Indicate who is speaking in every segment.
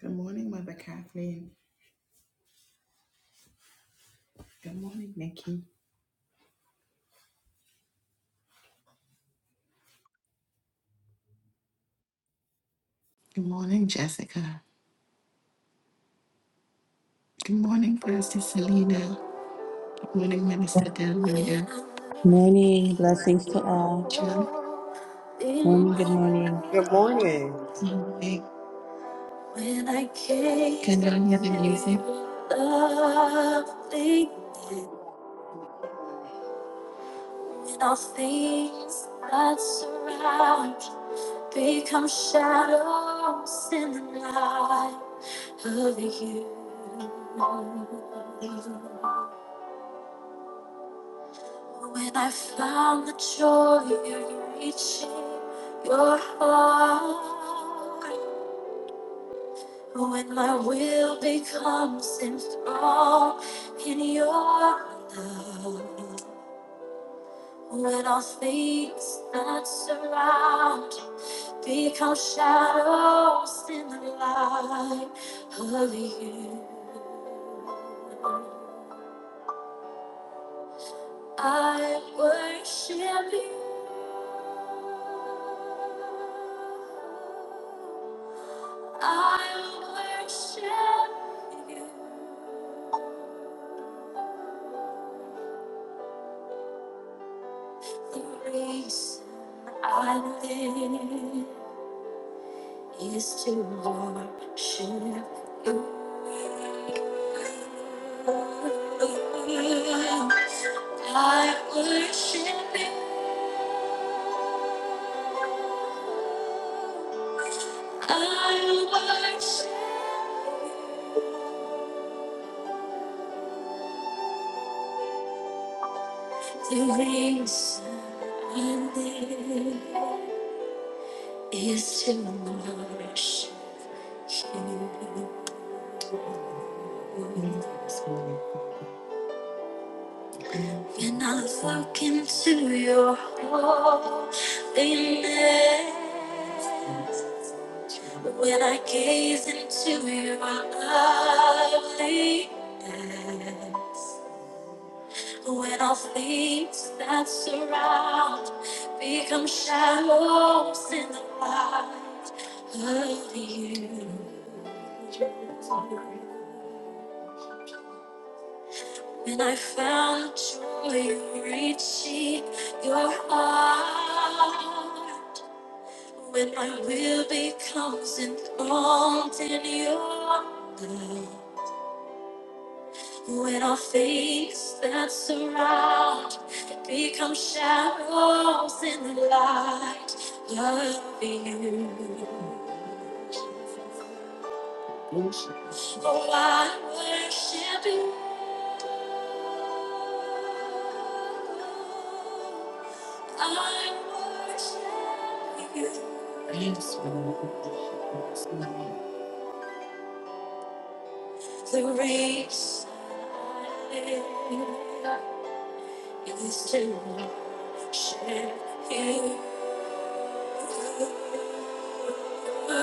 Speaker 1: Good morning, Mother Kathleen. Good morning, Nikki. Good morning, Jessica. Good morning, Pastor Selena. Good morning, Minister Delmina.
Speaker 2: Morning, blessings to all.
Speaker 1: Good
Speaker 2: Morning, good morning.
Speaker 3: Good morning.
Speaker 1: morning. When I came hear the music? And all things that surround become shadows in the light of you. When I found the joy of reaching your heart, when my will becomes enthralled in your love. Let all things that surround become shadows in the light of you. I worship you. I worship you. The reason I live is to worship you. I worship you. I worship the reason I live is to worship you. When I look into your holiness, when I gaze into your loveliness, When all things that surround become shadows in the light of you. And I found joy reaching your heart. When my will becomes enthroned in your love. When our things that surround become shadows in the light of you. Oh, I worship you. I worship you. Yes, Lord. The reason I live is to worship you. The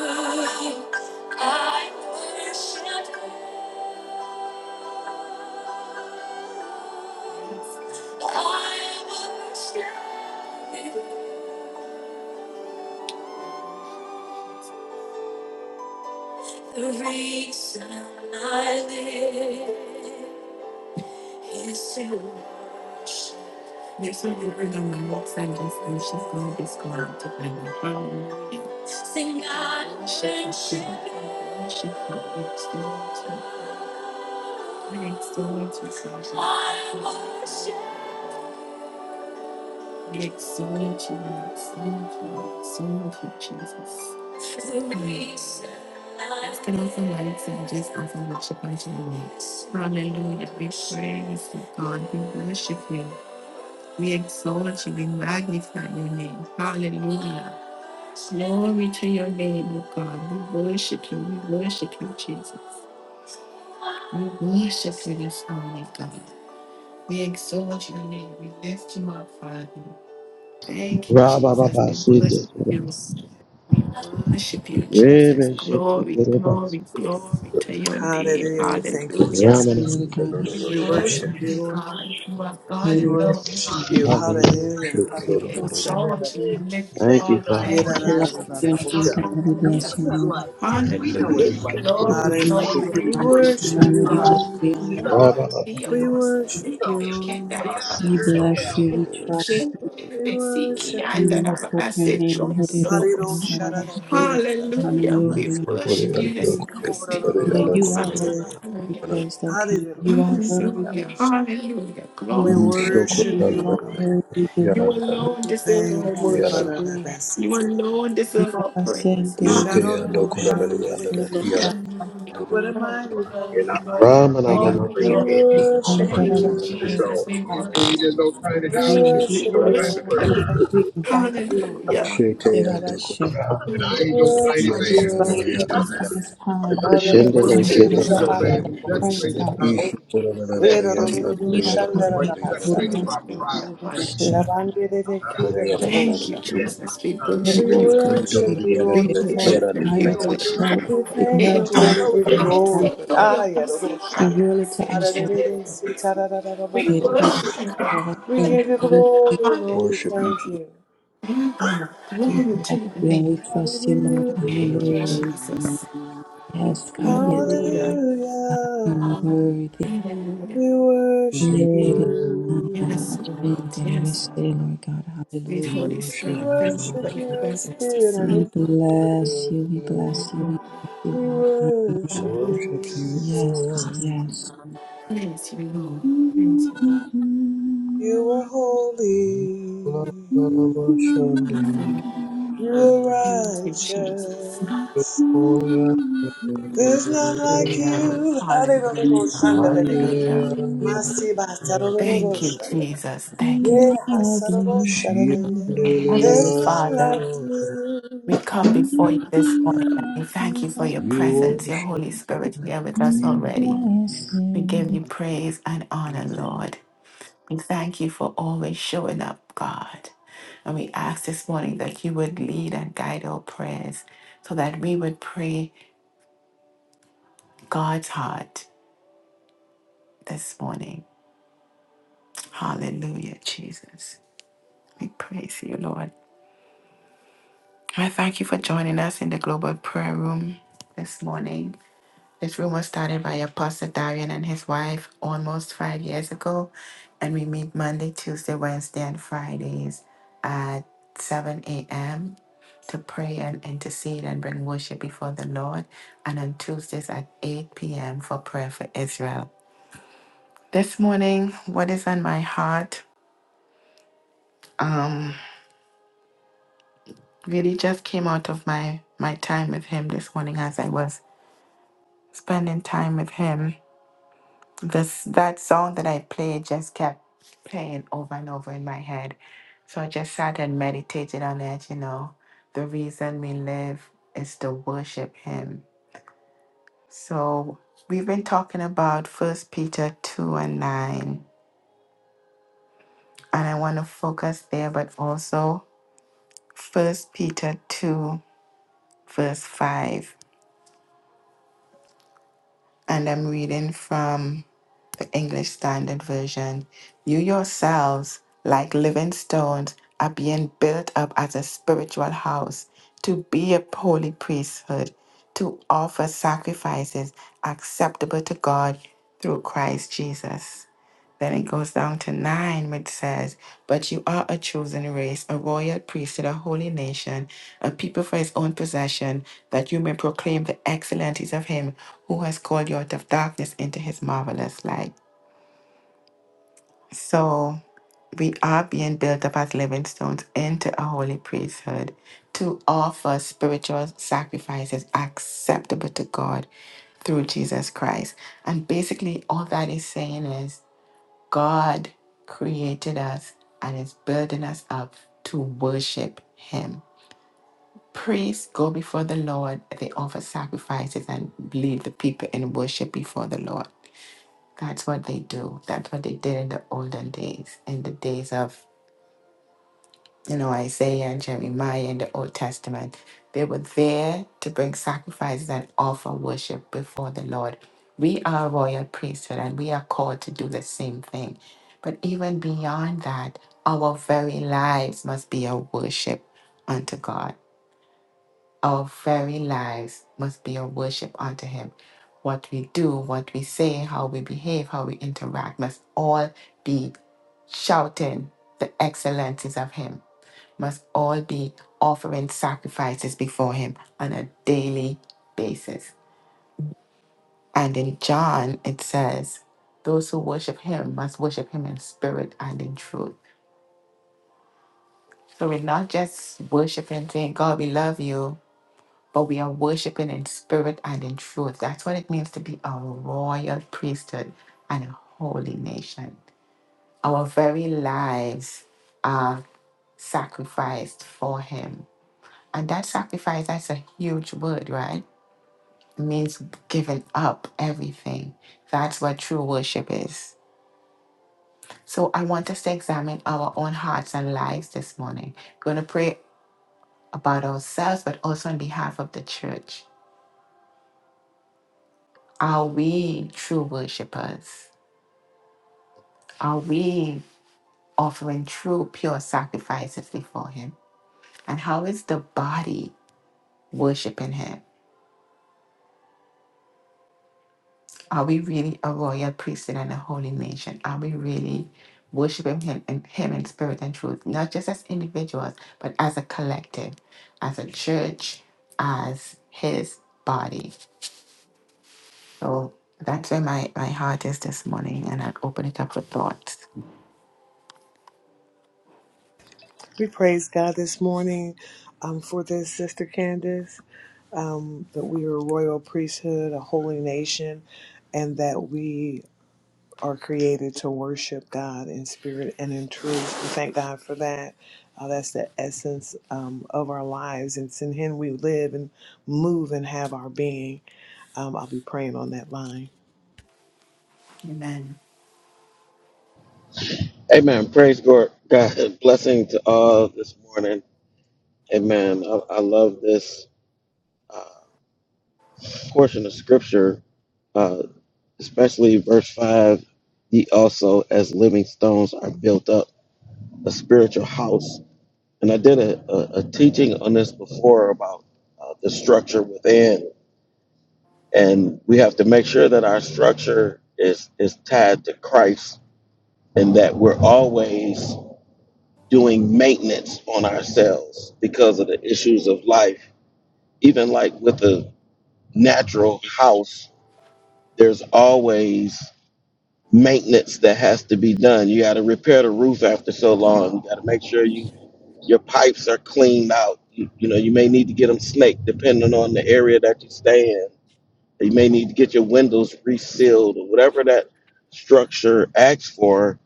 Speaker 1: reason I live is to worship. There's a word on the walks I just and she's going to be scored to bring the home. Sing God, worship. Worship, worship, worship. Thanks to Lord Jesus. We exalt you, we exalt you, we exalt you, Jesus. Can also lights and just as I worship unto you. Hallelujah. We praise you, God. We worship you. We exalt you. We magnify your name. Hallelujah. Glory to your name, O God. We worship you. We worship you, Jesus. We worship you this morning, God. We exalt your name. We lift you up, Father. Thank you,
Speaker 4: Rabba
Speaker 1: Jesus.
Speaker 4: Baba
Speaker 1: We worship
Speaker 4: Siddhi
Speaker 1: you. We worship you, Jesus.
Speaker 4: Ribbi Siddhi
Speaker 1: Glory,
Speaker 4: Kiribba
Speaker 1: glory, glory to your name.
Speaker 3: Hallelujah. We thank you,
Speaker 1: Hallelujah.
Speaker 3: Jesus.
Speaker 2: Lord
Speaker 4: Ramana
Speaker 2: God,
Speaker 1: We
Speaker 3: We worship
Speaker 1: worship you,
Speaker 3: you, Lord.
Speaker 1: God. You are
Speaker 3: We
Speaker 1: God
Speaker 2: hallelujah.
Speaker 1: alone.
Speaker 3: worship you.
Speaker 1: Hallelujah.
Speaker 4: Hallelujah.
Speaker 3: Hallelujah. Hallelujah.
Speaker 1: We exalt you. We lift you
Speaker 4: Thank you,
Speaker 1: up.
Speaker 4: Father.
Speaker 3: We
Speaker 1: Thank you,
Speaker 2: Bless your
Speaker 1: Jesus.
Speaker 2: name, God. We
Speaker 1: Hallelujah.
Speaker 2: bless your name.
Speaker 1: Hallelujah. Lord, Lord,
Speaker 2: We
Speaker 1: we
Speaker 2: honor you. We
Speaker 1: worship
Speaker 3: worship
Speaker 1: you,
Speaker 2: honor
Speaker 3: you,
Speaker 2: you.
Speaker 1: God.
Speaker 3: Lord.
Speaker 2: We honor you. Lord. We honor you.
Speaker 1: Never
Speaker 4: Rabba Baba
Speaker 1: See of
Speaker 3: We
Speaker 2: Hallelujah.
Speaker 1: course,
Speaker 3: worship you,
Speaker 1: every can
Speaker 3: Lord.
Speaker 1: die of
Speaker 2: We
Speaker 1: us. So,
Speaker 2: bless you. We
Speaker 1: shame,
Speaker 2: trust you.
Speaker 3: We
Speaker 1: every seek,
Speaker 3: worship
Speaker 2: We
Speaker 1: and
Speaker 3: you,
Speaker 1: that
Speaker 3: Lord.
Speaker 1: of
Speaker 2: lift up
Speaker 1: us,
Speaker 2: your
Speaker 1: it
Speaker 2: name.
Speaker 1: trumps of us.
Speaker 3: Hallelujah.
Speaker 1: Hallelujah. We
Speaker 2: Hallelujah.
Speaker 1: worship you this morning. We
Speaker 2: That you
Speaker 1: glorify
Speaker 2: are
Speaker 1: you
Speaker 2: worthy
Speaker 1: this
Speaker 2: to be
Speaker 1: morning.
Speaker 2: praised, O King. You are worthy.
Speaker 1: Hallelujah. Hallelujah.
Speaker 2: You
Speaker 3: We
Speaker 1: Glory
Speaker 2: are
Speaker 1: to your name.
Speaker 3: worship
Speaker 2: worthy.
Speaker 3: you,
Speaker 2: You are
Speaker 3: Lord.
Speaker 2: worthy. You are
Speaker 1: You
Speaker 2: worthy.
Speaker 1: alone
Speaker 2: You
Speaker 1: deserve our
Speaker 3: Thank you,
Speaker 2: are
Speaker 1: worship.
Speaker 2: worthy.
Speaker 1: You
Speaker 3: Haranabasite. Thank
Speaker 1: alone
Speaker 3: you.
Speaker 2: You
Speaker 1: deserve our
Speaker 2: are saying
Speaker 1: praise.
Speaker 2: that it is
Speaker 3: Sharoro
Speaker 1: Hallelujah.
Speaker 2: Shanti,
Speaker 3: Shandere.
Speaker 2: Lord God.
Speaker 1: Glory,
Speaker 3: What
Speaker 5: Jesus.
Speaker 3: a
Speaker 2: Hallelujah.
Speaker 3: mighty God.
Speaker 1: glory,
Speaker 4: Ramana Mama
Speaker 2: Thank
Speaker 1: glory,
Speaker 2: you,
Speaker 3: We
Speaker 1: glory.
Speaker 3: worship
Speaker 2: Holy Spirit,
Speaker 1: Thank you,
Speaker 3: you.
Speaker 2: Lord
Speaker 1: Jesus. We
Speaker 2: God.
Speaker 1: worship you. We
Speaker 3: We
Speaker 1: worship
Speaker 2: You are
Speaker 1: you.
Speaker 2: here,
Speaker 1: We
Speaker 3: worship
Speaker 2: Lord God.
Speaker 1: worship
Speaker 3: you. We
Speaker 2: Lord,
Speaker 1: you.
Speaker 3: thank
Speaker 2: We invite you, Lord God.
Speaker 1: Hallelujah.
Speaker 2: We
Speaker 3: you. We
Speaker 1: Hallelujah.
Speaker 3: worship you.
Speaker 2: invite
Speaker 1: Hallelujah,
Speaker 2: you into
Speaker 1: Jesus.
Speaker 2: this time. You did
Speaker 1: We
Speaker 2: this
Speaker 4: Shindele
Speaker 2: time,
Speaker 3: Hararabuku
Speaker 1: worship you,
Speaker 2: Lord
Speaker 4: Kiribba
Speaker 1: God.
Speaker 2: God.
Speaker 1: We
Speaker 2: Pray,
Speaker 1: worship
Speaker 3: Shabanabasite.
Speaker 1: you.
Speaker 2: God.
Speaker 3: Erororo
Speaker 2: Lead us
Speaker 1: Hallelujah.
Speaker 2: in guidance, Lord
Speaker 3: Shandarabasate.
Speaker 2: God.
Speaker 1: Hallelujah.
Speaker 2: Lord God.
Speaker 1: Hallelujah.
Speaker 3: Shabandere
Speaker 1: Thank you,
Speaker 3: Kirarabosha.
Speaker 1: Jesus. We
Speaker 2: Lord
Speaker 3: We
Speaker 1: worship you,
Speaker 2: God.
Speaker 1: God.
Speaker 3: worship
Speaker 2: Lord God.
Speaker 3: you, Lord.
Speaker 1: We
Speaker 3: We thank
Speaker 1: worship you. We
Speaker 2: Desire to
Speaker 1: worship
Speaker 2: pray
Speaker 1: you.
Speaker 3: We
Speaker 2: in
Speaker 3: thank
Speaker 2: your
Speaker 3: you, Lord.
Speaker 2: heart,
Speaker 3: We give
Speaker 1: We
Speaker 3: you
Speaker 2: Lord God.
Speaker 3: glory. Ayarosha.
Speaker 2: Reveal it to us,
Speaker 3: Ararererese,
Speaker 5: Lord.
Speaker 2: Every
Speaker 3: tarararabokoya.
Speaker 1: worship you, God.
Speaker 2: power
Speaker 3: We give
Speaker 2: sent
Speaker 3: you
Speaker 2: to
Speaker 1: Hallelujah.
Speaker 3: glory,
Speaker 1: Hallelujah.
Speaker 3: Lord. We
Speaker 5: Worship you,
Speaker 3: thank
Speaker 5: Jesus.
Speaker 3: you.
Speaker 1: Thank God.
Speaker 2: you we
Speaker 1: Glory to
Speaker 2: bless
Speaker 1: the
Speaker 2: you and
Speaker 1: name.
Speaker 2: we trust you, Lord.
Speaker 1: Thank you,
Speaker 3: Hallelujah.
Speaker 2: Hallelujah.
Speaker 5: Worship you,
Speaker 1: Jesus.
Speaker 2: Yes, God, yes,
Speaker 5: Lord.
Speaker 1: Hallelujah.
Speaker 2: you are
Speaker 3: Hallelujah.
Speaker 5: Worship
Speaker 2: worthy.
Speaker 1: Hallelujah.
Speaker 3: We worship
Speaker 2: Here God. I
Speaker 1: Yes,
Speaker 3: you.
Speaker 1: Lord. Yes.
Speaker 2: Lord God.
Speaker 1: Sweet
Speaker 2: Hallelujah.
Speaker 1: Holy
Speaker 3: We
Speaker 1: Spirit,
Speaker 5: you,
Speaker 1: thank you for
Speaker 3: worship
Speaker 5: Lord.
Speaker 1: your
Speaker 3: you in
Speaker 1: presence
Speaker 3: spirit
Speaker 1: this
Speaker 3: and
Speaker 1: morning.
Speaker 2: We
Speaker 3: in truth.
Speaker 5: We
Speaker 2: bless you, we bless you,
Speaker 1: Hallelujah.
Speaker 2: we bless you,
Speaker 3: We
Speaker 2: Lord. Hallelujah.
Speaker 3: worship you.
Speaker 5: Worship you,
Speaker 1: Hallelujah.
Speaker 2: Yes, God,
Speaker 5: Lord.
Speaker 2: yes.
Speaker 1: Praise you, Lord. Praise you, Lord.
Speaker 3: You are holy.
Speaker 5: Worship
Speaker 1: Thank
Speaker 5: you,
Speaker 3: You are
Speaker 1: you, Thank you, Jesus.
Speaker 3: righteous. There's
Speaker 5: Lord.
Speaker 3: none like
Speaker 1: Hallelujah.
Speaker 3: you.
Speaker 1: Hallelujah.
Speaker 3: Hallelujah.
Speaker 5: Mandele
Speaker 2: Like
Speaker 1: Hallelujah.
Speaker 5: andele,
Speaker 2: you.
Speaker 3: Masi
Speaker 1: Thank
Speaker 3: basarororo
Speaker 1: you,
Speaker 5: andele,
Speaker 3: shanda.
Speaker 1: Jesus. Thank you,
Speaker 3: Yeah,
Speaker 2: Mm, love
Speaker 1: Jesus.
Speaker 2: you.
Speaker 3: hasaroro
Speaker 5: She
Speaker 3: sharadende.
Speaker 1: Heavenly
Speaker 3: There's none
Speaker 1: Father,
Speaker 3: like
Speaker 5: andele
Speaker 3: you.
Speaker 1: we come before you this morning
Speaker 2: Mm,
Speaker 1: and we
Speaker 2: like
Speaker 1: thank you
Speaker 2: you
Speaker 1: for your
Speaker 2: love
Speaker 5: We
Speaker 1: presence, your
Speaker 5: worship
Speaker 1: Holy Spirit here with us
Speaker 2: me.
Speaker 5: you.
Speaker 1: already.
Speaker 2: Bless
Speaker 1: We give
Speaker 2: you.
Speaker 1: you praise and honor, Lord.
Speaker 5: Yeah,
Speaker 1: We thank you for always showing up, God. And we ask this morning that you would lead and guide our prayers so that we would pray God's heart this morning. Hallelujah, Jesus. We praise you, Lord. I thank you for joining us in the global prayer room this morning. This room was started by Apostle Darian and his wife almost five years ago, and we meet Monday, Tuesday, Wednesday, and Fridays at 7 a.m. to pray and intercede and bring worship before the Lord, and on Tuesdays at 8 p.m. for prayer for Israel. This morning, what is on my heart? Um, really just came out of my my time with him this morning as I was spending time with him. This that song that I played just kept playing over and over in my head. So I just sat and meditated on it, you know. The reason we live is to worship him. So we've been talking about First Peter 2 and 9, and I want to focus there, but also First Peter 2, verse 5. and I'm reading from the English Standard Version. You yourselves, like living stones, are being built up as a spiritual house to be a holy priesthood, to offer sacrifices acceptable to God through Christ Jesus. Then it goes down to nine, which says, But you are a chosen race, a royal priesthood, a holy nation, a people for his own possession, that you may proclaim the excellencies of him who has called you out of darkness into his marvelous light. So we are being built up as living stones into a holy priesthood to offer spiritual sacrifices acceptable to God through Jesus Christ. And basically, all that is saying is, God created us and is building us up to worship Him. Priests go before the Lord, they offer sacrifices and lead the people in worship before the Lord. That's what they do. That's what they did in the olden days, in the days of you know, Isaiah and Jeremiah in the Old Testament, they were there to bring sacrifices and offer worship before the Lord. We are a royal priesthood and we are called to do the same thing. But even beyond that, our very lives must be a worship unto God. Our very lives must be a worship unto Him. What we do, what we say, how we behave, how we interact must all be shouting the excellencies of Him must all be offering sacrifices before him on a daily basis. And in John, it says, those who worship him must worship him in spirit and in truth. So we're not just worshiping, saying, God, we love you, but we are worshiping in spirit and in truth. That's what it means to be a royal priesthood and a holy nation. Our very lives are sacrificed for him. And that sacrifice, that's a huge word, right? means giving up everything. That's what true worship is. So I want us to examine our own hearts and lives this morning. Going to pray about ourselves, but also on behalf of the church. Are we true worshipers? Are we offering true, pure sacrifices before Him? And how is the body worshiping Him? Are we really a royal priesthood and a holy nation? Are we really worshiping Him in, Him in spirit and truth, not just as individuals, but as a collective, as a church, as His body? So that's where my, my heart is this morning, and I'll open it up for thoughts.
Speaker 3: We praise God this morning um, for this, Sister Candace, um, that we are a royal priesthood, a holy nation, and that we are created to worship God in spirit and in truth. We thank God for that. Uh, that's the essence um, of our lives. It's in Him we live and move and have our being. Um, I'll be praying on that line.
Speaker 1: Amen.
Speaker 4: Amen. Praise God. God. Blessing to all this morning. Amen. I, I love this uh, portion of scripture, uh, especially verse 5. Ye also, as living stones, are built up. a spiritual house. And I did a, a, a teaching on this before about uh, the structure within. And we have to make sure that our structure is, is tied to Christ and that we're always doing maintenance on ourselves because of the issues of life. Even like with a natural house, there's always maintenance that has to be done. You got to repair the roof after so long. You got to make sure you your pipes are cleaned out. You, you know, you may need to get them snaked depending on the area that you stay in. You may need to get your windows resealed or whatever that structure asks for.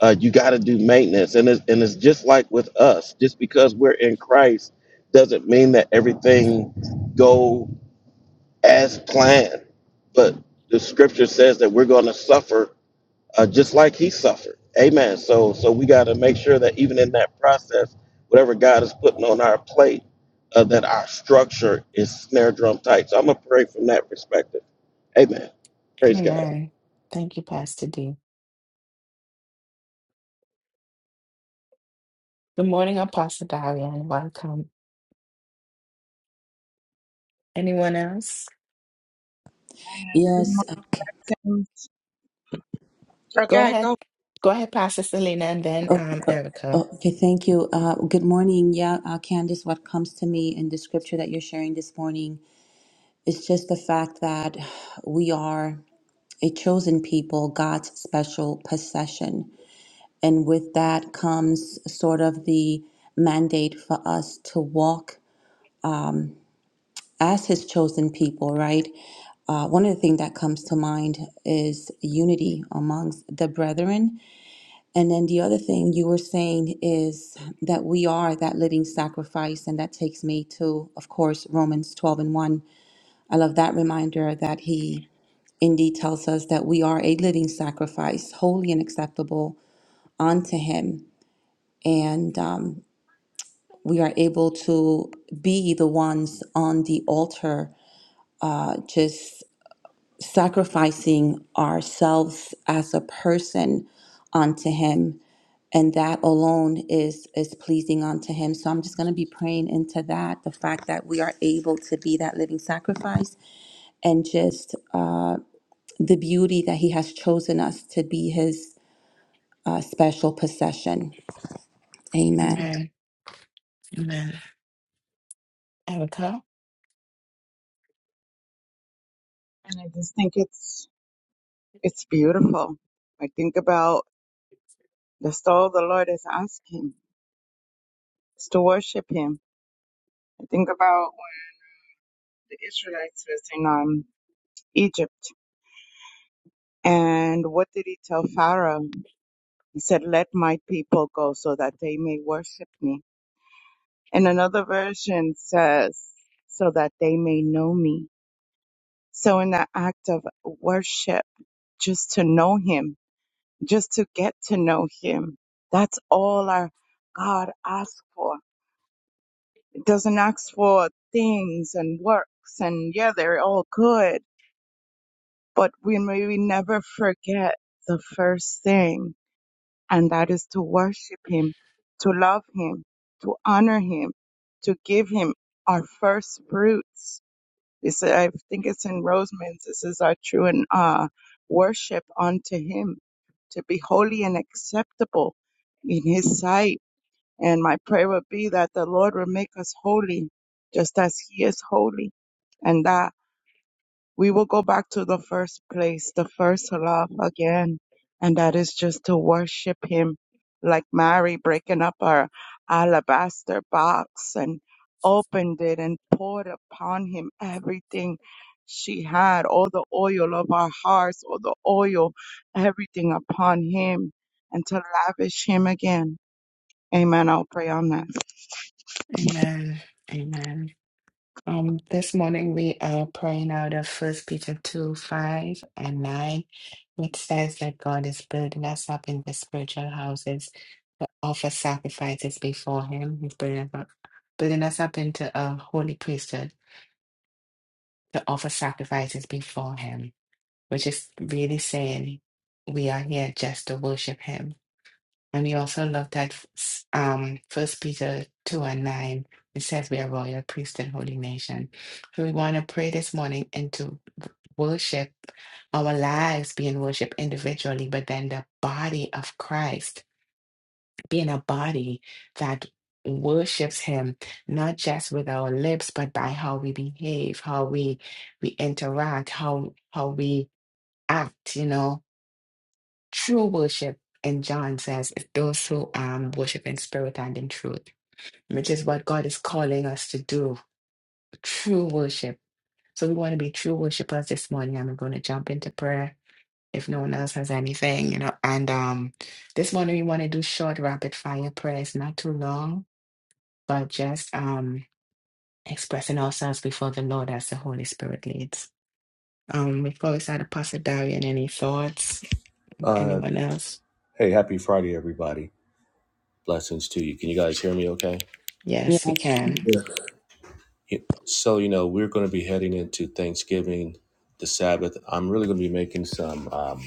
Speaker 4: Uh, you got to do maintenance, and it's, and it's just like with us. Just because we're in Christ doesn't mean that everything go as planned. But the Scripture says that we're going to suffer uh, just like he suffered. Amen. So so we got to make sure that even in that process, whatever God is putting on our plate, uh, that our structure is snare drum tight. So I'm gonna pray from that perspective. Amen. Praise God.
Speaker 1: Amen. Thank you, Pastor D. Good morning, Apostle Daria, and welcome. Anyone else?
Speaker 6: And good
Speaker 2: Yes. Okay.
Speaker 6: morning. Okay,
Speaker 1: Go
Speaker 6: I
Speaker 1: ahead.
Speaker 6: go.
Speaker 1: Go ahead, Pastor Selena, and then
Speaker 2: Oh,
Speaker 1: um,
Speaker 2: oh,
Speaker 1: Erica.
Speaker 2: oh, okay. Thank you. Uh, good morning. Yeah, uh, Candice, what comes to me in the scripture that you're sharing this morning is just the fact that we are a chosen people, God's special possession. And with that comes sort of the mandate for us to walk as his chosen people, right? Uh, one of the things that comes to mind is unity amongst the brethren. And then the other thing you were saying is that we are that living sacrifice. And that takes me to, of course, Romans 12 and 1. I love that reminder that he indeed tells us that we are a living sacrifice, holy and acceptable unto him. And um, we are able to be the ones on the altar, uh, just sacrificing ourselves as a person unto him and that alone is is pleasing unto him so i'm just going to be praying into that the fact that we are able to be that living sacrifice and just uh, the beauty that he has chosen us to be his uh, special possession amen
Speaker 1: Amen. Amen. Erica?
Speaker 6: And I just think it's it's beautiful. I think about the all the Lord is asking is to worship Him. I think about when the Israelites was in um, Egypt, and what did He tell Pharaoh? He said, "Let my people go, so that they may worship me." And another version says, "So that they may know me." So in that act of worship, just to know Him just to get to know him. That's all our God asks for. It doesn't ask for things and works and yeah, they're all good, but we may we never forget the first thing and that is to worship him, to love him, to honor him, to give him our first fruits They said, I think it's in Roseman's. This is our true and uh, worship unto Him to be holy and acceptable in His sight. And my prayer would be that the Lord would make us holy, just as He is holy, and that we will go back to the first place, the first love again. And that is just to worship him like Mary breaking up our alabaster box and opened it and poured upon him everything she had, all the oil of our hearts, all the oil, everything upon him and to lavish him again. Amen. I'll pray on that.
Speaker 1: Amen. Amen. Um, this morning we are praying out of First Peter 2, 5 and 9. It says that God is building us up in the spiritual houses to offer sacrifices before Him. He's building us up, building us up into a holy priesthood to offer sacrifices before Him, which is really saying we are here just to worship Him. And we also looked at s- um, 1 Peter 2 and 9. It says we are royal priest and holy nation. So we want to pray this morning into worship, our lives being worshiped individually, but then the body of Christ being a body that worships him not just with our lips but by how we behave how we we interact how how we act you know True worship, and John says, is those who um, worship in spirit and in truth, which is what God is calling us to do true worship. So we want to be true worshipers this morning. I'm going to jump into prayer if no one else has anything, you know. And um, this morning we want to do short, rapid fire prayers, not too long, but just um, expressing ourselves before the Lord as the Holy Spirit leads. Um, we've always had a Pastor Darian. Any thoughts?
Speaker 7: Uh,
Speaker 1: Anyone else?
Speaker 7: hey, happy Friday, everybody. Blessings to you. Can you guys hear me okay?
Speaker 1: Yes, we
Speaker 2: yes
Speaker 1: can.
Speaker 7: Yeah, So, you know, we're going to be heading into Thanksgiving, the Sabbath. I'm really going to be making some um,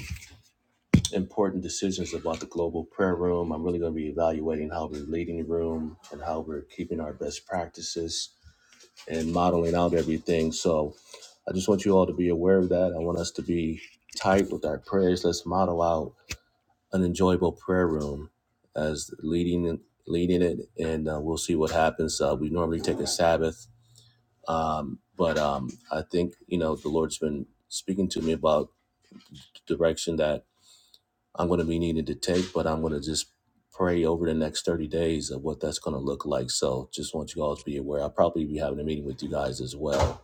Speaker 7: important decisions about the global prayer room. I'm really going to be evaluating how we're leading the room and how we're keeping our best practices and modeling out everything. So, I just want you all to be aware of that. I want us to be tight with our prayers. Let's model out an enjoyable prayer room as leading leading it, and uh, we'll see what happens. Uh, we normally take a Sabbath, um, but um, I think you know the Lord's been speaking to me about the direction that I'm going to be needed to take, but I'm going to just pray over the next 30 days of what that's going to look like. So just want you all to be aware. I'll probably be having a meeting with you guys as well.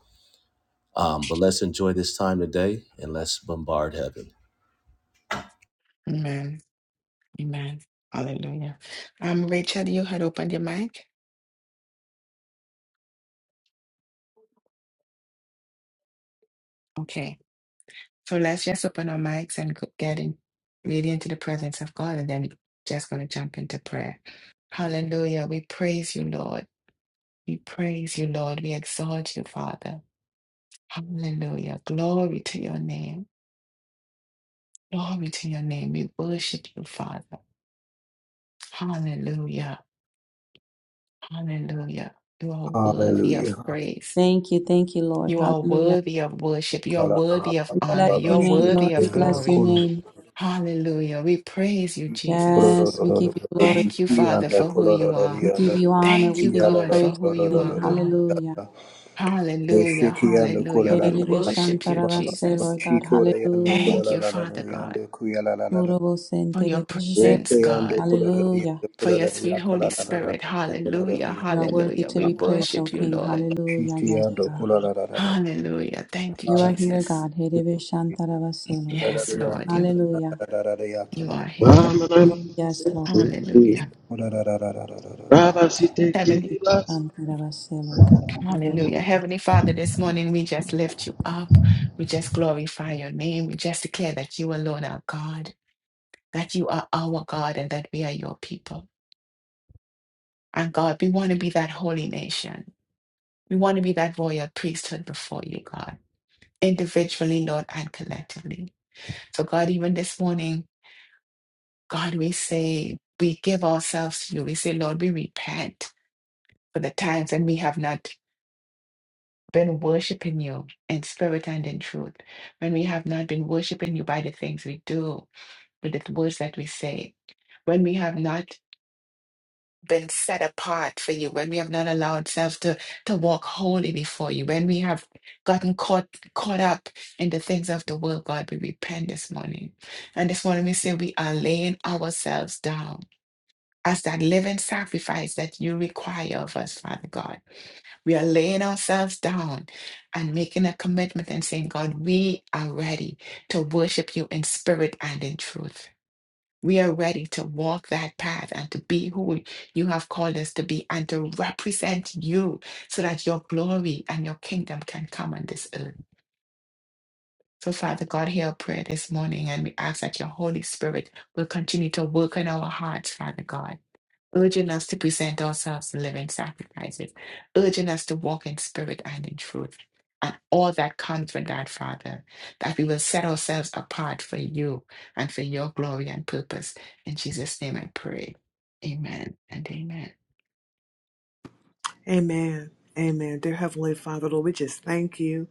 Speaker 7: Um, but let's enjoy this time today and let's bombard heaven.
Speaker 1: Amen. Amen. Hallelujah. Um, Rachel, you had opened your mic. Okay. So let's just open our mics and go- get in really into the presence of God and then we're just gonna jump into prayer. Hallelujah. We praise you, Lord. We praise you, Lord. We exalt you, Father. Hallelujah. Glory to your name. Glory to your name. We worship you, Father. Hallelujah. Hallelujah. You are worthy of
Speaker 5: Hallelujah.
Speaker 1: praise.
Speaker 2: thank you thank you lord
Speaker 1: You are
Speaker 2: hallelujah
Speaker 1: worthy of worship. You are worthy of
Speaker 2: we bless
Speaker 1: honor. You
Speaker 2: your
Speaker 1: are
Speaker 2: name
Speaker 1: worthy
Speaker 2: lord we
Speaker 1: of
Speaker 2: bless your
Speaker 1: glory.
Speaker 2: name
Speaker 1: Hallelujah. We praise you, Jesus.
Speaker 2: yes we give you glory
Speaker 1: Thank you, Father, for who you are.
Speaker 2: We give you honor.
Speaker 1: Thank
Speaker 2: We
Speaker 1: you,
Speaker 2: give you
Speaker 1: God, for
Speaker 2: praise,
Speaker 1: who you
Speaker 2: King.
Speaker 1: are, God.
Speaker 2: Hallelujah.
Speaker 1: Hallelujah. Hallelujah.
Speaker 2: Hey,
Speaker 1: We
Speaker 2: Rebe
Speaker 1: worship you,
Speaker 2: Shantaravase,
Speaker 1: Jesus.
Speaker 2: Lord God. Hallelujah.
Speaker 1: Thank you, Father God,
Speaker 2: Murobo
Speaker 1: for
Speaker 2: Sente
Speaker 1: your
Speaker 2: Rebe
Speaker 1: presence, God,
Speaker 2: Hallelujah.
Speaker 1: for your sweet Holy Spirit. Hallelujah.
Speaker 2: You are worthy
Speaker 1: Hallelujah.
Speaker 2: to
Speaker 1: We
Speaker 2: be praised, O
Speaker 1: worship you,
Speaker 2: King.
Speaker 1: Lord.
Speaker 2: Hallelujah.
Speaker 5: Shiti
Speaker 2: Yes, God.
Speaker 1: Hallelujah. Thank you,
Speaker 5: Uh,
Speaker 2: You are here,
Speaker 1: Jesus.
Speaker 2: God. Hey, Rebe Shantaravase, Lord God.
Speaker 1: Yes, Lord, you,
Speaker 2: Hallelujah.
Speaker 1: you are here.
Speaker 2: Yes, Lord. Yes, Lord.
Speaker 1: Hallelujah. Heavenly,
Speaker 2: Rebe Shantaravase, Lord God. Hallelujah.
Speaker 1: hallelujah. Heavenly Father, this morning we just lift you up. We just glorify your name. We just declare that you alone are God, that you are our God, and that we are your people. And God, we want to be that holy nation. We want to be that royal priesthood before you, God, individually, Lord, and collectively. So, God, even this morning, God, we say, we give ourselves to you. We say, Lord, we repent for the times and we have not been worshiping you in spirit and in truth, when we have not been worshiping you by the things we do, with the words that we say, when we have not been set apart for you, when we have not allowed ourselves to, to walk holy before you, when we have gotten caught caught up in the things of the world, God, we repent this morning. And this morning we say we are laying ourselves down as that living sacrifice that you require of us, Father God. We are laying ourselves down and making a commitment and saying, God, we are ready to worship you in spirit and in truth. We are ready to walk that path and to be who you have called us to be and to represent you so that your glory and your kingdom can come on this earth. So, Father God, hear our prayer this morning and we ask that your Holy Spirit will continue to work in our hearts, Father God urging us to present ourselves living sacrifices, urging us to walk in spirit and in truth, and all that comes from that, Father, that we will set ourselves apart for you and for your glory and purpose. In Jesus' name I pray. Amen and amen.
Speaker 3: Amen. Amen. Dear Heavenly Father, Lord, we just thank you.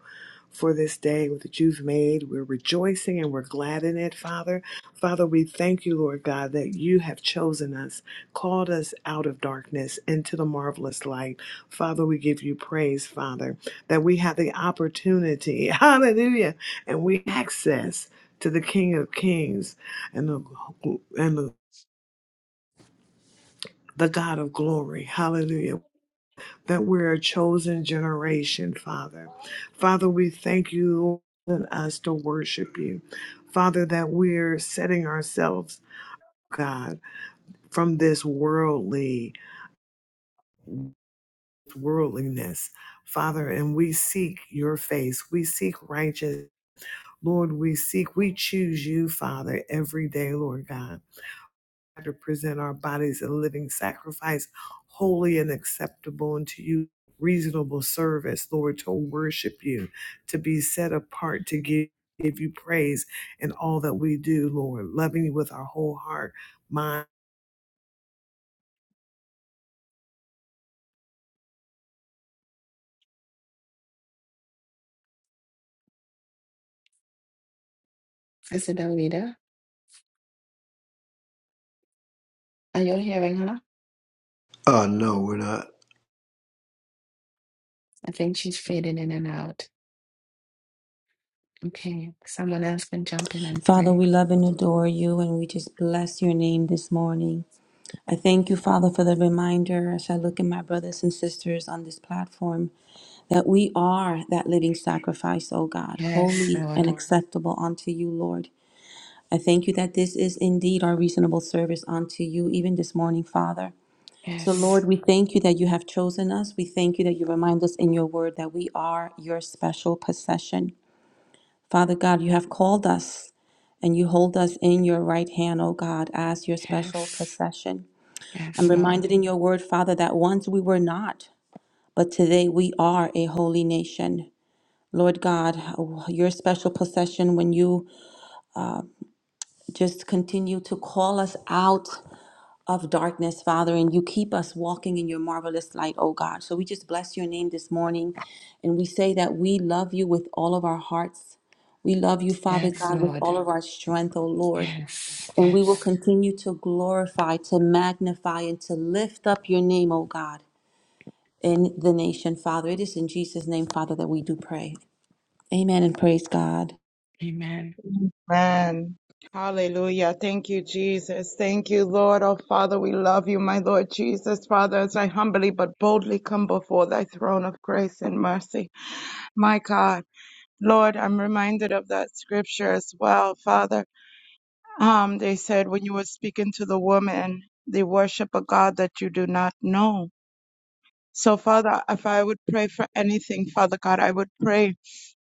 Speaker 3: for this day that you've made. We're rejoicing and we're glad in it, Father. Father, we thank you, Lord God, that you have chosen us, called us out of darkness into the marvelous light. Father, we give you praise, Father, that we have the opportunity, hallelujah, and we access to the King of Kings and the and the, the God of glory. Hallelujah that we're a chosen generation, Father. Father, we thank you and us to worship you. Father, that we're setting ourselves, God, from this worldly worldliness, Father, and we seek your face. We seek righteous. Lord, we seek, we choose you, Father, every day, Lord God. to present our bodies a living sacrifice, holy and acceptable unto you, reasonable service, Lord, to worship you, to be set apart, to give. Give you praise in all that we do, Lord, loving you with our whole heart, mind.
Speaker 1: Sister Davida, are you hearing her?
Speaker 5: no, we're not.
Speaker 1: I think she's fading in and out. Okay, someone else can jump in and
Speaker 2: Father,
Speaker 1: pray.
Speaker 2: we love and adore you, and we just bless your name this morning. I thank you, Father, for the reminder as I look at my brothers and sisters on this platform that we are that living sacrifice, O God,
Speaker 1: Yes,
Speaker 2: holy
Speaker 1: Lord.
Speaker 2: and acceptable unto you, Lord. I thank you that this is indeed our reasonable service unto you, even this morning, Father. So,
Speaker 1: Yes,
Speaker 2: Lord, we thank you that you have chosen us. We thank you that you remind us in your word that we are your special possession. Father God, you have called us and you hold us in your right hand, O God, as your special
Speaker 1: yes,
Speaker 2: possession.
Speaker 1: yes,
Speaker 2: I'm
Speaker 1: Lord.
Speaker 2: reminded in your word, Father, that once we were not, but today we are a holy nation. Lord God, your special possession when you just continue to call us out of darkness, Father, and you keep us walking in your marvelous light, oh God. So we just bless your name this morning and we say that we love you with all of our hearts. We love you, Father
Speaker 1: Yes,
Speaker 2: God, with
Speaker 1: Lord.
Speaker 2: all of our strength, O Lord.
Speaker 1: Yes,
Speaker 2: And we will
Speaker 1: yes.
Speaker 2: continue to glorify, to magnify, and to lift up your name, O God. in the nation, Father. It is in Jesus' name, Father, that we do pray. Amen and praise God.
Speaker 1: Amen.
Speaker 6: Amen. Hallelujah. Thank you, Jesus. Thank you, Lord. Oh, Father, we love you, my Lord Jesus. Father, as I humbly but boldly come before thy throne of grace and mercy, my God. Lord, I'm reminded of that scripture as well, Father. Um, they said when you were speaking to the woman, they worship a God that you do not know. So, Father, if I would pray for anything, Father God, I would pray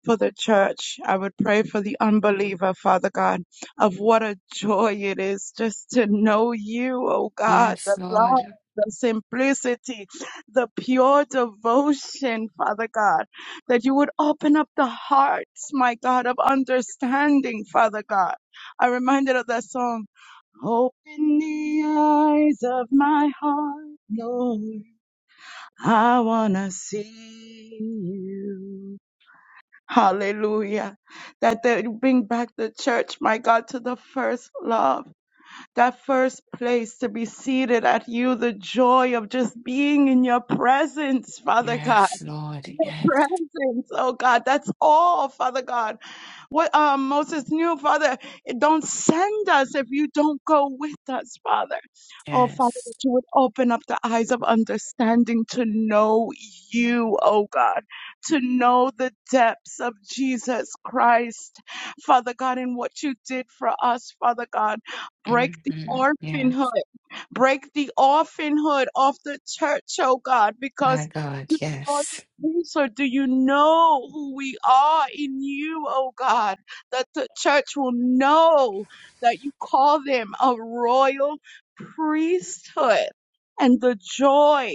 Speaker 6: for the church. I would pray for the unbeliever, Father God, of what a joy it is just to know you, oh God,
Speaker 1: Yes,
Speaker 6: the love.
Speaker 1: Lord.
Speaker 6: The simplicity, the pure devotion, Father God, that you would open up the hearts, my God, of understanding, Father God. I'm reminded of that song, Open the eyes of my heart, Lord. I wanna see you. Hallelujah. That they bring back the church, my God, to the first love, that first place to be seated at you, the joy of just being in your presence, Father God
Speaker 1: Yes, Lord. Yes,
Speaker 6: presence. Oh God, that's all, Father God. What uh, Moses knew, Father, don't send us if you don't go with us, Father. Oh Father,
Speaker 1: yes.
Speaker 6: that you would open up the eyes of understanding to know you, oh God, to know the depths of Jesus Christ, Father God, and what you did for us, Father God. Break the
Speaker 1: hmm Yes,
Speaker 6: orphanhood. Break the orphanhood of the church, oh God,
Speaker 1: my
Speaker 6: because
Speaker 1: God.
Speaker 6: the royal
Speaker 1: Yes.
Speaker 6: priesthood, do you know who we are in you, oh God? That the church will know that you call them a royal priesthood and the joy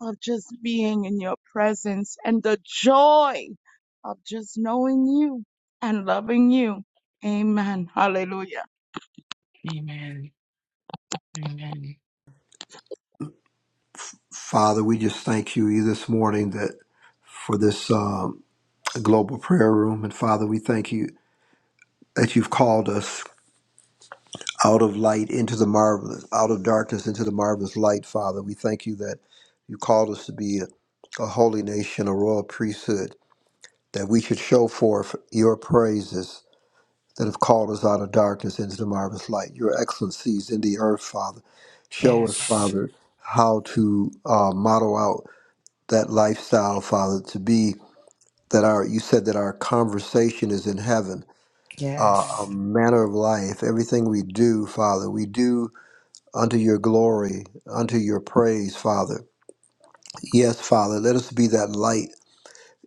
Speaker 6: of just being in your presence and the joy of just knowing you and loving you. Amen. Hallelujah.
Speaker 1: Amen. Amen.
Speaker 5: Father, we just thank you this morning that for this um, global prayer room. And Father, we thank you that you've called us out of light into the marvelous, out of darkness into the marvelous light, Father. We thank you that you called us to be a, a holy nation, a royal priesthood, that we should show forth your praises that have called us out of darkness into the marvelous light. Your excellencies in the earth, Father. Show us,
Speaker 1: Yes.
Speaker 5: Father, how to uh, model out that lifestyle, Father, to be that our, you said that our conversation is in heaven, uh, our
Speaker 1: Yes.
Speaker 5: manner of life, everything we do, Father, we do unto your glory, unto your praise, Father. Yes, Father, let us be that light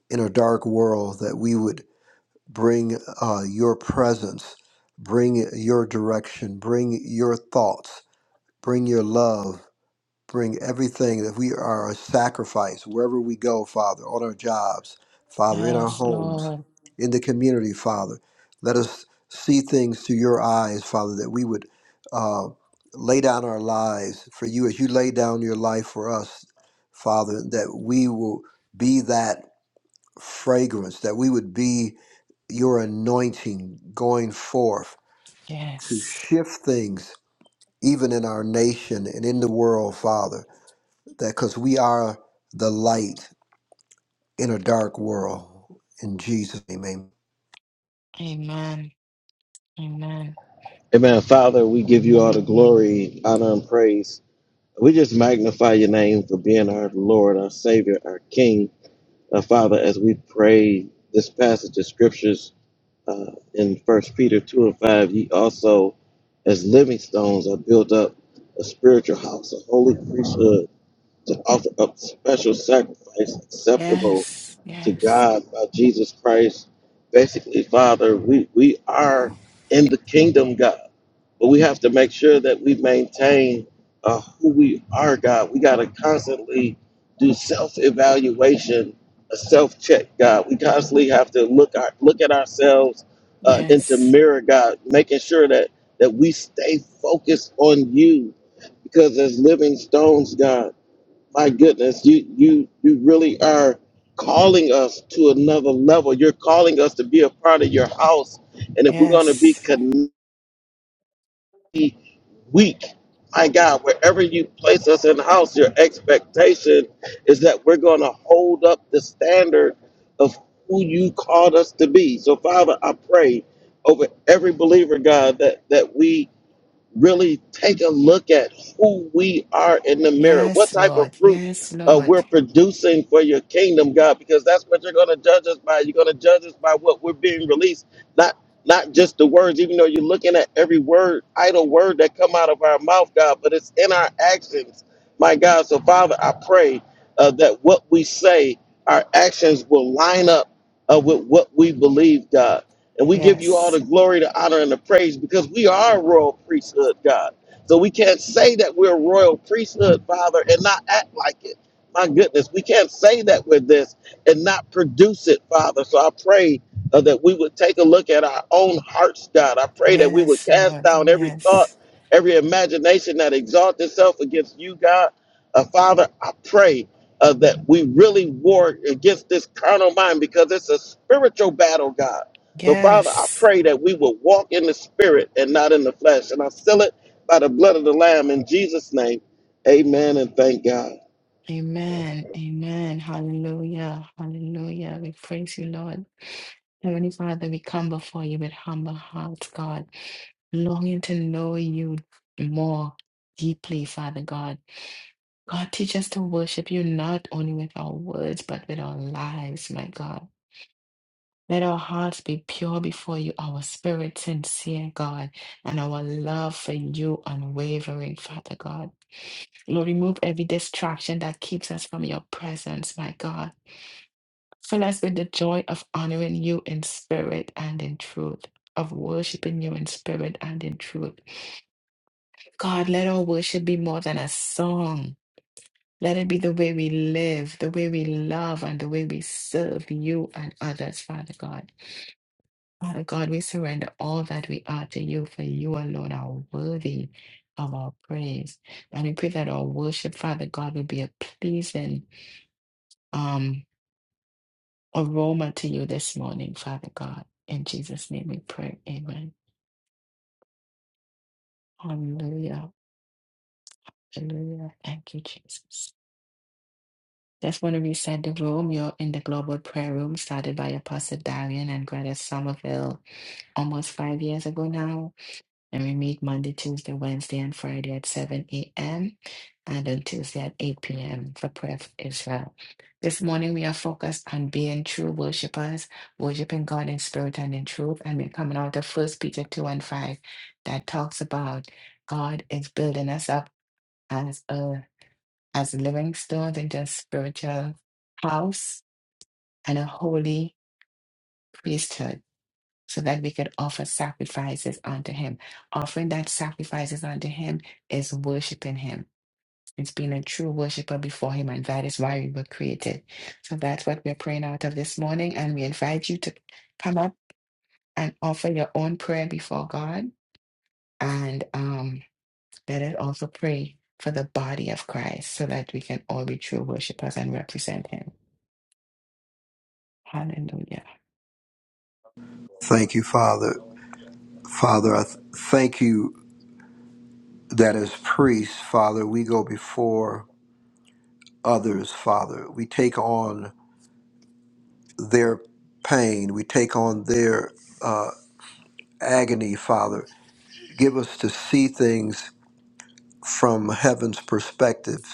Speaker 5: in a dark world that we would bring uh, your presence, bring your direction, bring your thoughts, bring your love, bring everything that we are a sacrifice wherever we go, Father, on our jobs, Father, in our
Speaker 1: Yes,
Speaker 5: homes,
Speaker 1: Lord.
Speaker 5: in the community, Father. Let us see things through your eyes, Father, that we would uh, lay down our lives for you as you lay down your life for us, Father, that we will be that fragrance, that we would be your anointing going forth to
Speaker 1: Yes.
Speaker 5: shift things even in our nation and in the world, Father, that because we are the light in a dark world. In Jesus' name, amen.
Speaker 1: Amen. Amen.
Speaker 4: Amen. Father, we give you all the glory, honor, and praise. We just magnify your name for being our Lord, our Savior, our King. Uh, Father, as we pray this passage of scriptures uh, in First Peter two and five, ye also, as living stones, are built up a spiritual house, a holy priesthood, to offer up special sacrifice acceptable
Speaker 1: Yes.
Speaker 4: to
Speaker 1: Yes.
Speaker 4: God by Jesus Christ. Basically, Father, we, we are in the kingdom, God, but we have to make sure that we maintain uh, who we are, God. We got to constantly do self evaluation, a self check, God. We constantly have to look our, look at ourselves uh, into
Speaker 1: Yes.
Speaker 4: mirror, God, making sure that that we stay focused on you because as living stones, God. My goodness, you you you really are calling us to another level. You're calling us to be a part of your house, and if we're going to be
Speaker 1: Yes.
Speaker 4: community weak, my God, wherever you place us in the house, your expectation is that we're going to hold up the standard of who you called us to be. So, Father, I pray over every believer, God, that that we really take a look at who we are in the mirror, what
Speaker 1: Yes,
Speaker 4: type of
Speaker 1: Lord.
Speaker 4: fruit
Speaker 1: Yes,
Speaker 4: uh,
Speaker 1: Lord.
Speaker 4: we're producing for your kingdom, God, because that's what you're going to judge us by. You're going to judge us by what we're being released, not not just the words. Even though you're looking at every word, idle word that come out of our mouth, God, but it's in our actions, my God. So, Father, I pray uh, that what we say, our actions will line up uh, with what we believe, God. And we give you all
Speaker 1: Yes.
Speaker 4: the glory, the honor, and the praise because we are a royal priesthood, God. So we can't say that we're a royal priesthood, Father, and not act like it. My goodness, we can't say that we're this and not produce it, Father. So I pray uh, that we would take a look at our own hearts, God. I pray that we would
Speaker 1: Yes,
Speaker 4: cast
Speaker 1: Lord.
Speaker 4: down every thought,
Speaker 1: Yes.
Speaker 4: every imagination that exalts itself against you, God. Uh, Father, I pray uh, that we really war against this carnal mind because it's a spiritual battle, God so, Father, I
Speaker 1: Yes.
Speaker 4: pray that we will walk in the spirit and not in the flesh. And I seal it by the blood of the Lamb in Jesus' name. Amen and thank God.
Speaker 1: Amen. Amen. Hallelujah. Hallelujah. We praise you, Lord. Heavenly Father, we come before you with humble hearts, God, longing to know you more deeply, Father God. God, teach us to worship you not only with our words, but with our lives, my God. Let our hearts be pure before you, our spirit sincere, God, and our love for you unwavering, Father God. Lord, remove every distraction that keeps us from your presence, my God. Fill us with the joy of honoring you in spirit and in truth, of worshiping you in spirit and in truth. God, let our worship be more than a song. Let it be the way we live, the way we love, and the way we serve you and others, Father God. Father God, we surrender all that we are to you, for you alone are worthy of our praise. And we pray that our worship, Father God, will be a pleasing um, aroma to you this morning, Father God. In Jesus' name we pray. Amen. Hallelujah. Hallelujah. Thank you, Jesus. Just want to reset the room. You're in the global prayer room started by Apostle Darian and Greta Somerville almost five years ago now. And we meet Monday, Tuesday, Wednesday, and Friday at 7 a.m. and on Tuesday at 8 p.m. for prayer for Israel. This morning we are focused on being true worshipers, worshiping God in spirit and in truth. And we're coming out of First Peter 2 and 5 that talks about God is building us up as a as living stones into a spiritual house and a holy priesthood so that we could offer sacrifices unto him. Offering that sacrifices unto him is worshiping him. It's being a true worshiper before him, and that is why we were created. So that's what we're praying out of this morning. And we invite you to come up and offer your own prayer before God. And um, let us also pray for the body of Christ so that we can all be true worshipers and represent him. Hallelujah.
Speaker 5: Thank you, Father. Father, I th- thank you that as priests, Father, we go before others, Father. We take on their pain, we take on their uh, agony, Father. Give us to see things from heaven's perspective,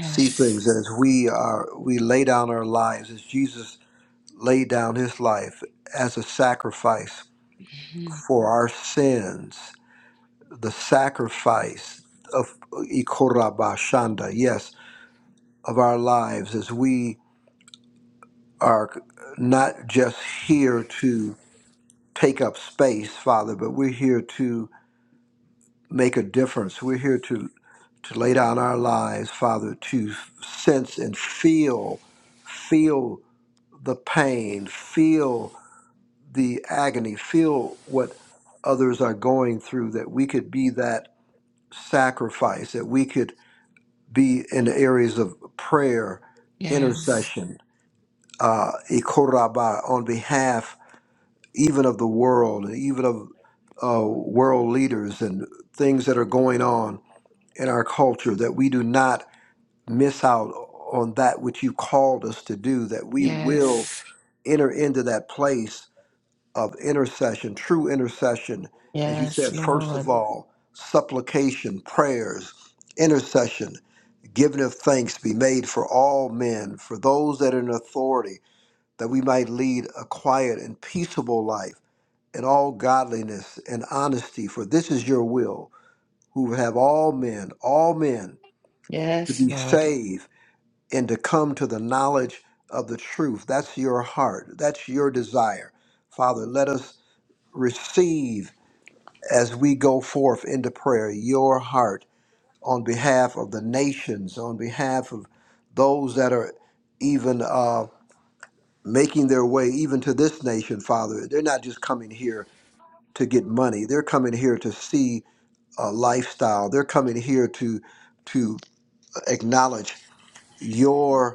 Speaker 5: see things as we are we lay down our lives as Jesus laid down his life as a sacrifice
Speaker 1: Mhm.
Speaker 5: for our sins, the sacrifice of Ikorabashanda, yes, of our lives as we are not just here to take up space, Father, but we're here to make a difference. We're here to to lay down our lives, Father, to sense and feel feel the pain, feel the agony, feel what others are going through that we could be that sacrifice, that we could be in the areas of prayer,
Speaker 1: Yes.
Speaker 5: intercession, uh, ikoraba, on behalf even of the world and even of uh, world leaders and things that are going on in our culture that we do not miss out on that which you called us to do, that we will
Speaker 1: Yes.
Speaker 5: enter into that place of intercession, true intercession. As you
Speaker 1: Yes,
Speaker 5: said, first
Speaker 1: Lord.
Speaker 5: of all, supplication, prayers, intercession, giving of thanks be made for all men, for those that are in authority, that we might lead a quiet and peaceable life in all godliness and honesty, for this is your will, who have all men, all men to
Speaker 1: Yes,
Speaker 5: be
Speaker 1: Lord.
Speaker 5: saved and to come to the knowledge of the truth. That's your heart. That's your desire. Father, let us receive as we go forth into prayer your heart on behalf of the nations, on behalf of those that are even uh, making their way even to this nation, Father. They're not just coming here to get money. They're coming here to see a lifestyle. They're coming here to to acknowledge your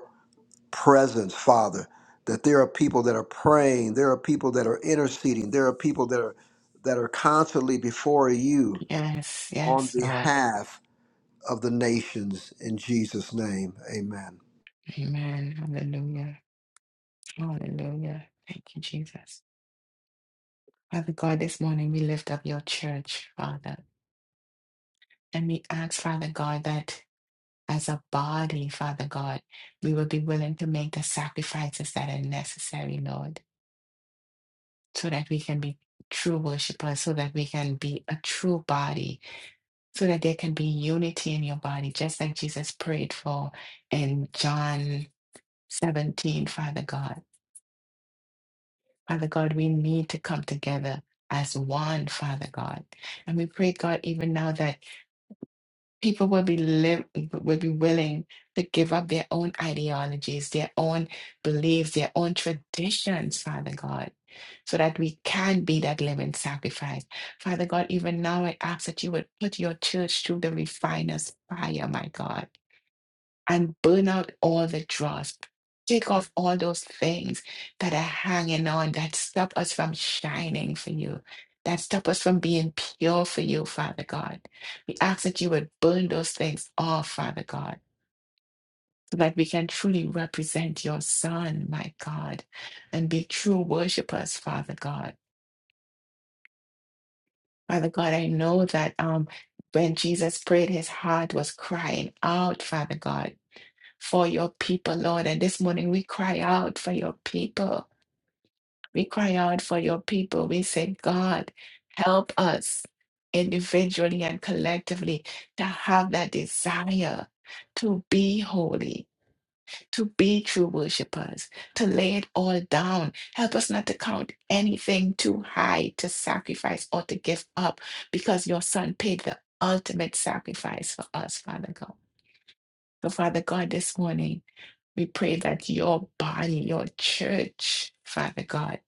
Speaker 5: presence, Father, that there are people that are praying, there are people that are interceding, there are people that are that are constantly before you
Speaker 1: Yes,
Speaker 5: on
Speaker 1: yes, Lord.
Speaker 5: behalf of the nations in Jesus name. Amen.
Speaker 1: Amen. Hallelujah. Hallelujah. Thank you, Jesus. Father God, this morning we lift up your church, Father. And we ask, Father God, that as a body, Father God, we will be willing to make the sacrifices that are necessary, Lord, so that we can be true worshipers, so that we can be a true body, so that there can be unity in your body, just like Jesus prayed for in John 17, Father God. Father God, we need to come together as one, Father God. And we pray, God, even now that people will be live, will be willing to give up their own ideologies, their own beliefs, their own traditions, Father God, so that we can be that living sacrifice. Father God, even now I ask that you would put your church through the refiner's fire, my God and burn out all the dross. Take off all those things that are hanging on that stop us from shining for you, that stop us from being pure for you, Father God. We ask that you would burn those things off, Father God, so that we can truly represent your Son, my God, and be true worshipers, Father God. Father God, I know that um, when Jesus prayed, his heart was crying out, Father God. for your people, Lord. And this morning we cry out for your people. We cry out for your people. We say, God, help us individually and collectively to have that desire to be holy, to be true worshipers, to lay it all down. Help us not to count anything too high to sacrifice or to give up because your son paid the ultimate sacrifice for us, Father God. So, Father God, this morning, we pray that your body, your church, Father God,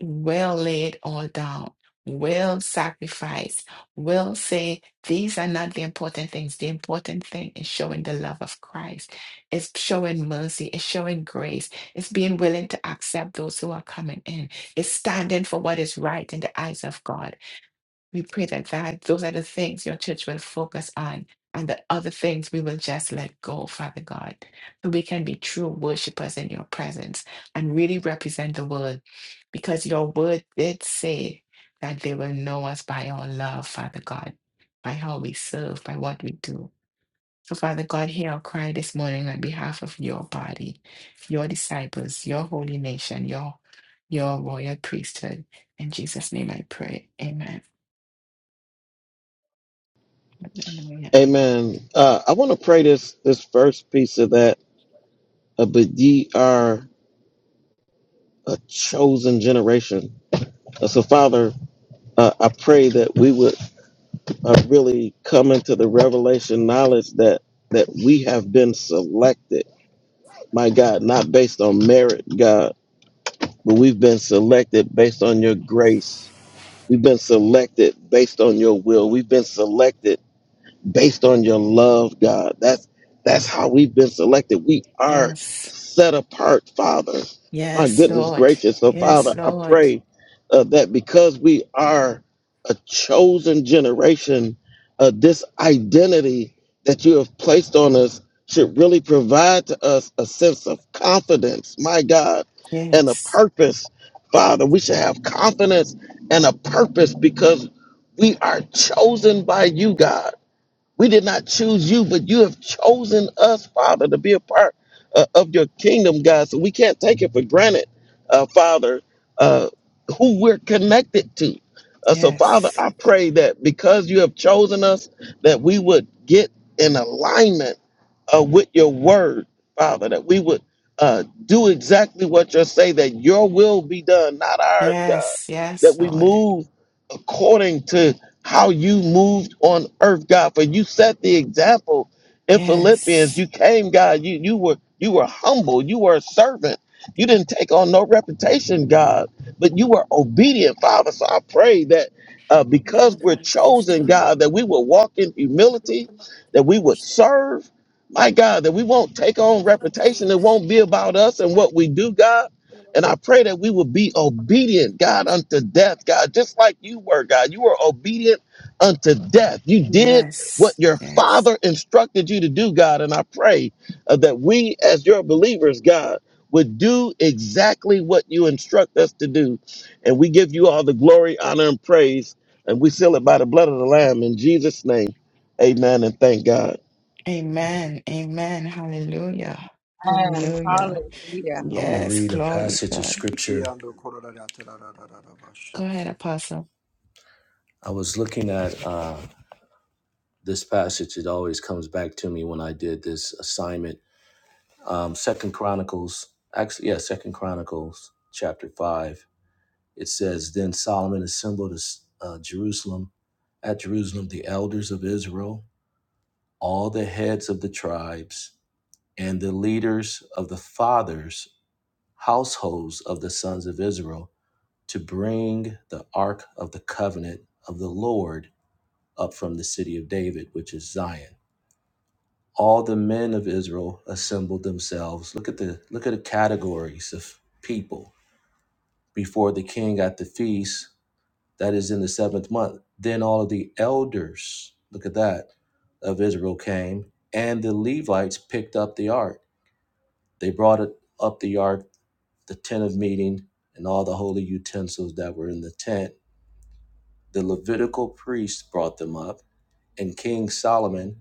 Speaker 1: will lay it all down, will sacrifice, will say, these are not the important things. The important thing is showing the love of Christ, it's showing mercy, it's showing grace, it's being willing to accept those who are coming in, it's standing for what is right in the eyes of God. We pray that, that those are the things your church will focus on, and the other things we will just let go, Father God, so we can be true worshipers in your presence and really represent the word, because your word did say that they will know us by our love, Father God, by how we serve, by what we do. So, Father God, hear our cry this morning on behalf of your body, your disciples, your holy nation, your your royal priesthood. In Jesus' name I pray. Amen. Hallelujah.
Speaker 4: Amen. Uh, I want to pray this this first piece of that. Uh, but ye are a chosen generation. Uh, so, Father, uh, I pray that we would uh, really come into the revelation knowledge that that we have been selected. My God, not based on merit, God, but we've been selected based on your grace We've been selected based on your will. We've been selected based on your love, God. That's that's how we've been selected. We are
Speaker 1: Yes.
Speaker 4: set apart, Father. My
Speaker 1: Yes,
Speaker 4: goodness
Speaker 1: Lord.
Speaker 4: gracious. So,
Speaker 1: Yes,
Speaker 4: Father, I
Speaker 1: Lord.
Speaker 4: pray uh, that because we are a chosen generation, uh, this identity that you have placed on us should really provide to us a sense of confidence, my God, and a
Speaker 1: Yes.
Speaker 4: purpose, Father. We should have confidence and a purpose because we are chosen by you, God. We did not choose you, but you have chosen us, Father, to be a part uh, of your kingdom, God. So we can't take it for granted, uh, Father, uh, who we're connected to. Uh, so, Father,
Speaker 1: Yes.
Speaker 4: I pray that because you have chosen us, that we would get in alignment uh, with your word, Father, that we would uh, do exactly what you say, that your will be done, not ours, God,
Speaker 1: Yes.
Speaker 4: that
Speaker 1: Yes,
Speaker 4: we
Speaker 1: Lord.
Speaker 4: move according to how you moved on earth, God. For you set the example in Philippians.
Speaker 1: Yes.
Speaker 4: You came, God. You you were you were humble. You were a servant. You didn't take on no reputation, God, but you were obedient, Father. So I pray that uh, because we're chosen, God, that we will walk in humility, that we would serve, my God, that we won't take on reputation. It won't be about us and what we do, God and I pray that we will be obedient, God, unto death, God, just like you were, God. You were obedient unto death. You did what
Speaker 1: Yes.
Speaker 4: your
Speaker 1: Yes.
Speaker 4: father instructed you to do, God. And I pray uh, that we, as your believers, God, would do exactly what you instruct us to do. And we give you all the glory, honor, and praise. And we seal it by the blood of the Lamb in Jesus' name. Amen. And thank God.
Speaker 1: Amen. Amen. Hallelujah.
Speaker 6: Amen.
Speaker 1: Hallelujah.
Speaker 6: Hallelujah.
Speaker 7: I want to
Speaker 1: Yes.
Speaker 7: read a
Speaker 1: Glory,
Speaker 7: passage of
Speaker 1: God.
Speaker 7: scripture.
Speaker 1: Go ahead, Apostle.
Speaker 7: I was looking at uh, this passage. It always comes back to me when I did this assignment. Um, Second Chronicles, actually, yeah, Second Chronicles, chapter five. It says, "Then Solomon assembled uh, Jerusalem, at Jerusalem, the elders of Israel, all the heads of the tribes, and the leaders of the fathers' households of the sons of Israel, to bring the ark of the covenant of the Lord." up from the city of David, which is Zion. All the men of Israel assembled themselves. Look at the look at the categories of people before the king at the feast that is in the seventh month. Then all of the elders, look at that, of Israel came, and the Levites picked up the ark. They brought it up the ark, the tent of meeting, and all the holy utensils that were in the tent. The Levitical priests brought them up, and King Solomon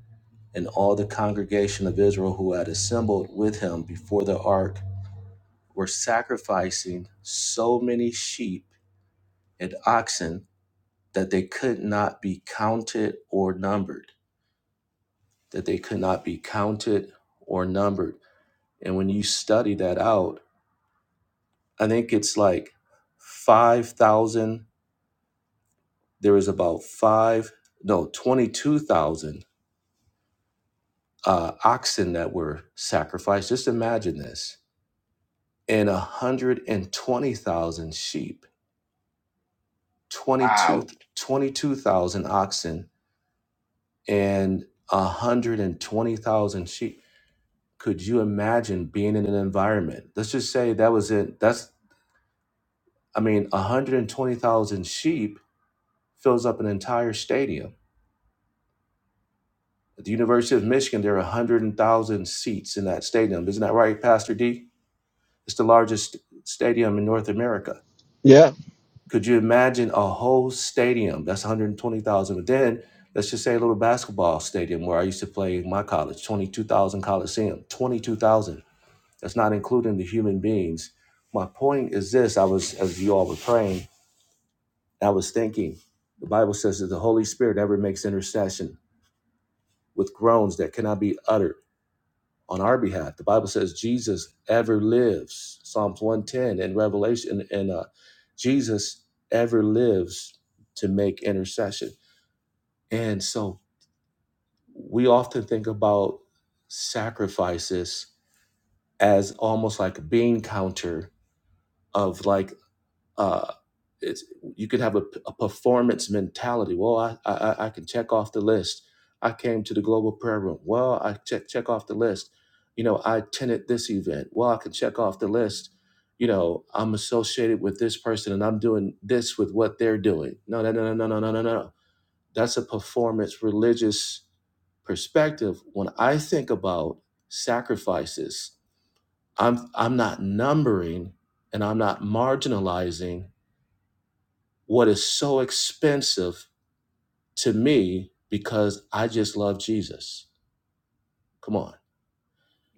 Speaker 7: and all the congregation of Israel who had assembled with him before the ark were sacrificing so many sheep and oxen that they could not be counted or numbered. That they could not be counted or numbered. And when you study that out, I think it's like 5,000. There was about five, no, 22,000 uh, oxen that were sacrificed. Just imagine this and 120,000 sheep, twenty-two,
Speaker 1: Wow.
Speaker 7: 22,000 oxen, and 120,000 sheep. Could you imagine being in an environment? Let's just say that was it. That's, I mean, 120,000 sheep fills up an entire stadium. At the University of Michigan, there are 100,000 seats in that stadium. Isn't that right, Pastor D? It's the largest stadium in North America
Speaker 4: Yeah.
Speaker 7: Could you imagine a whole stadium? That's 120,000. But then let's just say a little basketball stadium where I used to play in my college, 22,000 Coliseum, 22,000. That's not including the human beings. My point is this I was, as you all were praying, I was thinking, the Bible says that the Holy Spirit ever makes intercession with groans that cannot be uttered on our behalf. The Bible says Jesus ever lives. Psalms 110 and Revelation and uh, Jesus ever lives to make intercession. And so we often think about sacrifices as almost like a bean counter of like Uh, it's you could have a, a performance mentality. Well, I, I I can check off the list. I came to the global prayer room. Well, I check check off the list. You know, I attended this event. Well, I can check off the list. You know, I'm associated with this person and I'm doing this with what they're doing. No, no, no, no, no, no, no, no. no. That's a performance religious perspective. When I think about sacrifices, I'm I'm not numbering and I'm not marginalizing what is so expensive to me because I just love Jesus. Come on.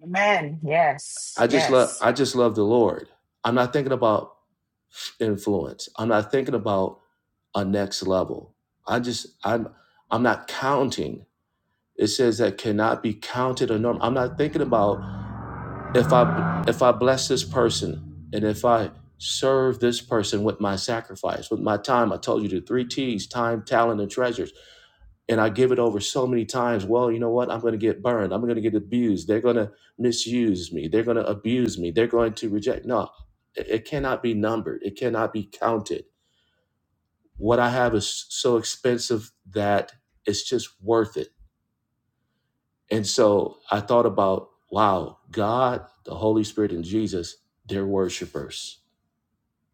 Speaker 1: Amen. Yes.
Speaker 7: I just love
Speaker 1: Yes.
Speaker 7: I just love the Lord. I'm not thinking about influence. I'm not thinking about a next level. I just I'm I'm not counting. It says that cannot be counted or norm. I'm not thinking about if I if I bless this person and if I serve this person with my sacrifice, with my time. I told you the three T's, time, talent, and treasures. and I give it over so many times. Well, you know what? I'm going to get burned. I'm going to get abused. They're going to misuse me. They're going to abuse me. They're going to reject. No, it it cannot be numbered. It cannot be counted. What I have is so expensive that it's just worth it. And so I thought about, wow, God, the Holy Spirit, and Jesus, they're worshipers.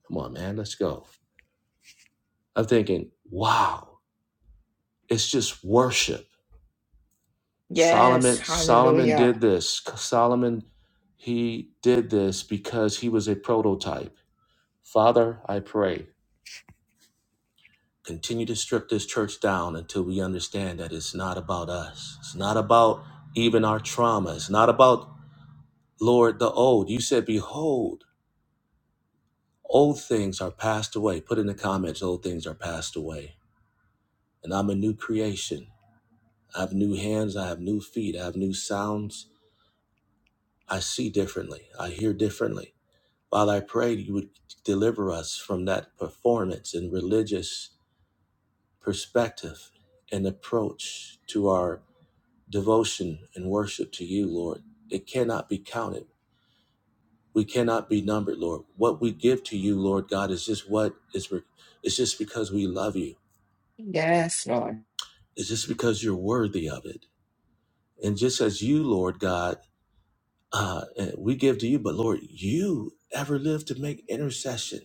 Speaker 7: Come on, man, let's go. I'm thinking, wow, it's just worship
Speaker 1: Yes.
Speaker 7: Solomon Solomon
Speaker 1: Hallelujah.
Speaker 7: did this. Solomon he did this because he was a prototype. Father, I pray, continue to strip this church down until we understand that it's not about us. It's not about even our trauma. It's not about Lord the old. You said behold, old things are passed away. Put in the comments old things are passed away. And I'm a new creation. I have new hands, I have new feet, I have new sounds. I see differently. I hear differently. Father, I pray you would deliver us from that performance and religious perspective and approach to our devotion and worship to you, Lord. It cannot be counted. We cannot be numbered, Lord. What we give to you, Lord God, is just what is, re- it's just because we love you.
Speaker 1: Yes, Lord.
Speaker 7: It's just because you're worthy of it. And just as you, Lord God, uh, eh, we give to you, but Lord, you ever live to make intercession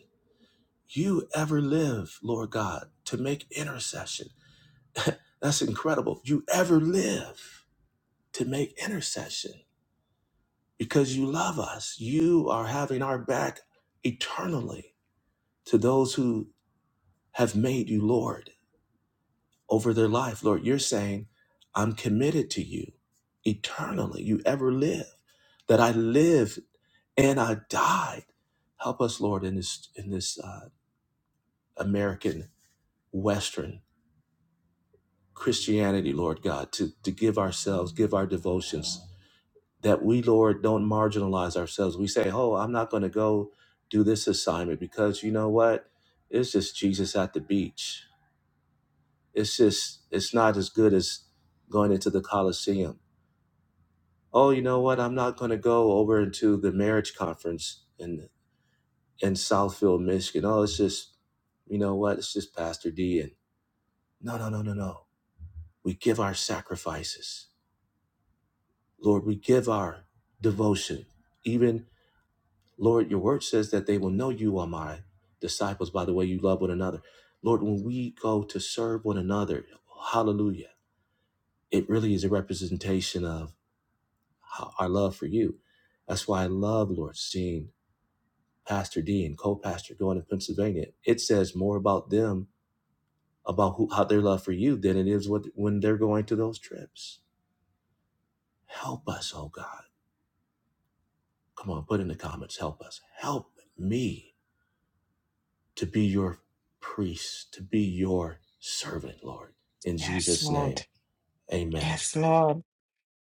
Speaker 7: You ever live, Lord God, to make intercession. That's incredible. You ever live to make intercession because you love us. You are having our back eternally to those who have made you Lord over their life. Lord, you're saying, I'm committed to you eternally. You ever live, that I live and I died. Help us, Lord, in this in this uh, American Western Christianity, Lord God, to, to give ourselves, give our devotions, that we, Lord, don't marginalize ourselves. We say, oh, I'm not going to go do this assignment because you know what? It's just Jesus at the beach. It's just, it's not as good as going into the Coliseum. Oh, you know what? I'm not going to go over into the marriage conference in, in Southfield, Michigan. Oh, it's just, you know what? It's just Pastor D. And no, no, no, no, no. We give our sacrifices Lord, we give our devotion. Even, Lord, your word says that they will know you are my disciples by the way you love one another. Lord, when we go to serve one another, hallelujah, it really is a representation of ho- our love for you. That's why I love, Lord, seeing Pastor D and co pastor going to Pennsylvania. It says more about them, about who, how their love for you, than it is what, when they're going to those trips. Help us, oh God. Come on, put in the comments, help us. Help me to be your priest, to be your servant, Lord. In
Speaker 1: Yes,
Speaker 7: Jesus'
Speaker 1: Lord.
Speaker 7: name, amen.
Speaker 1: Yes, Lord.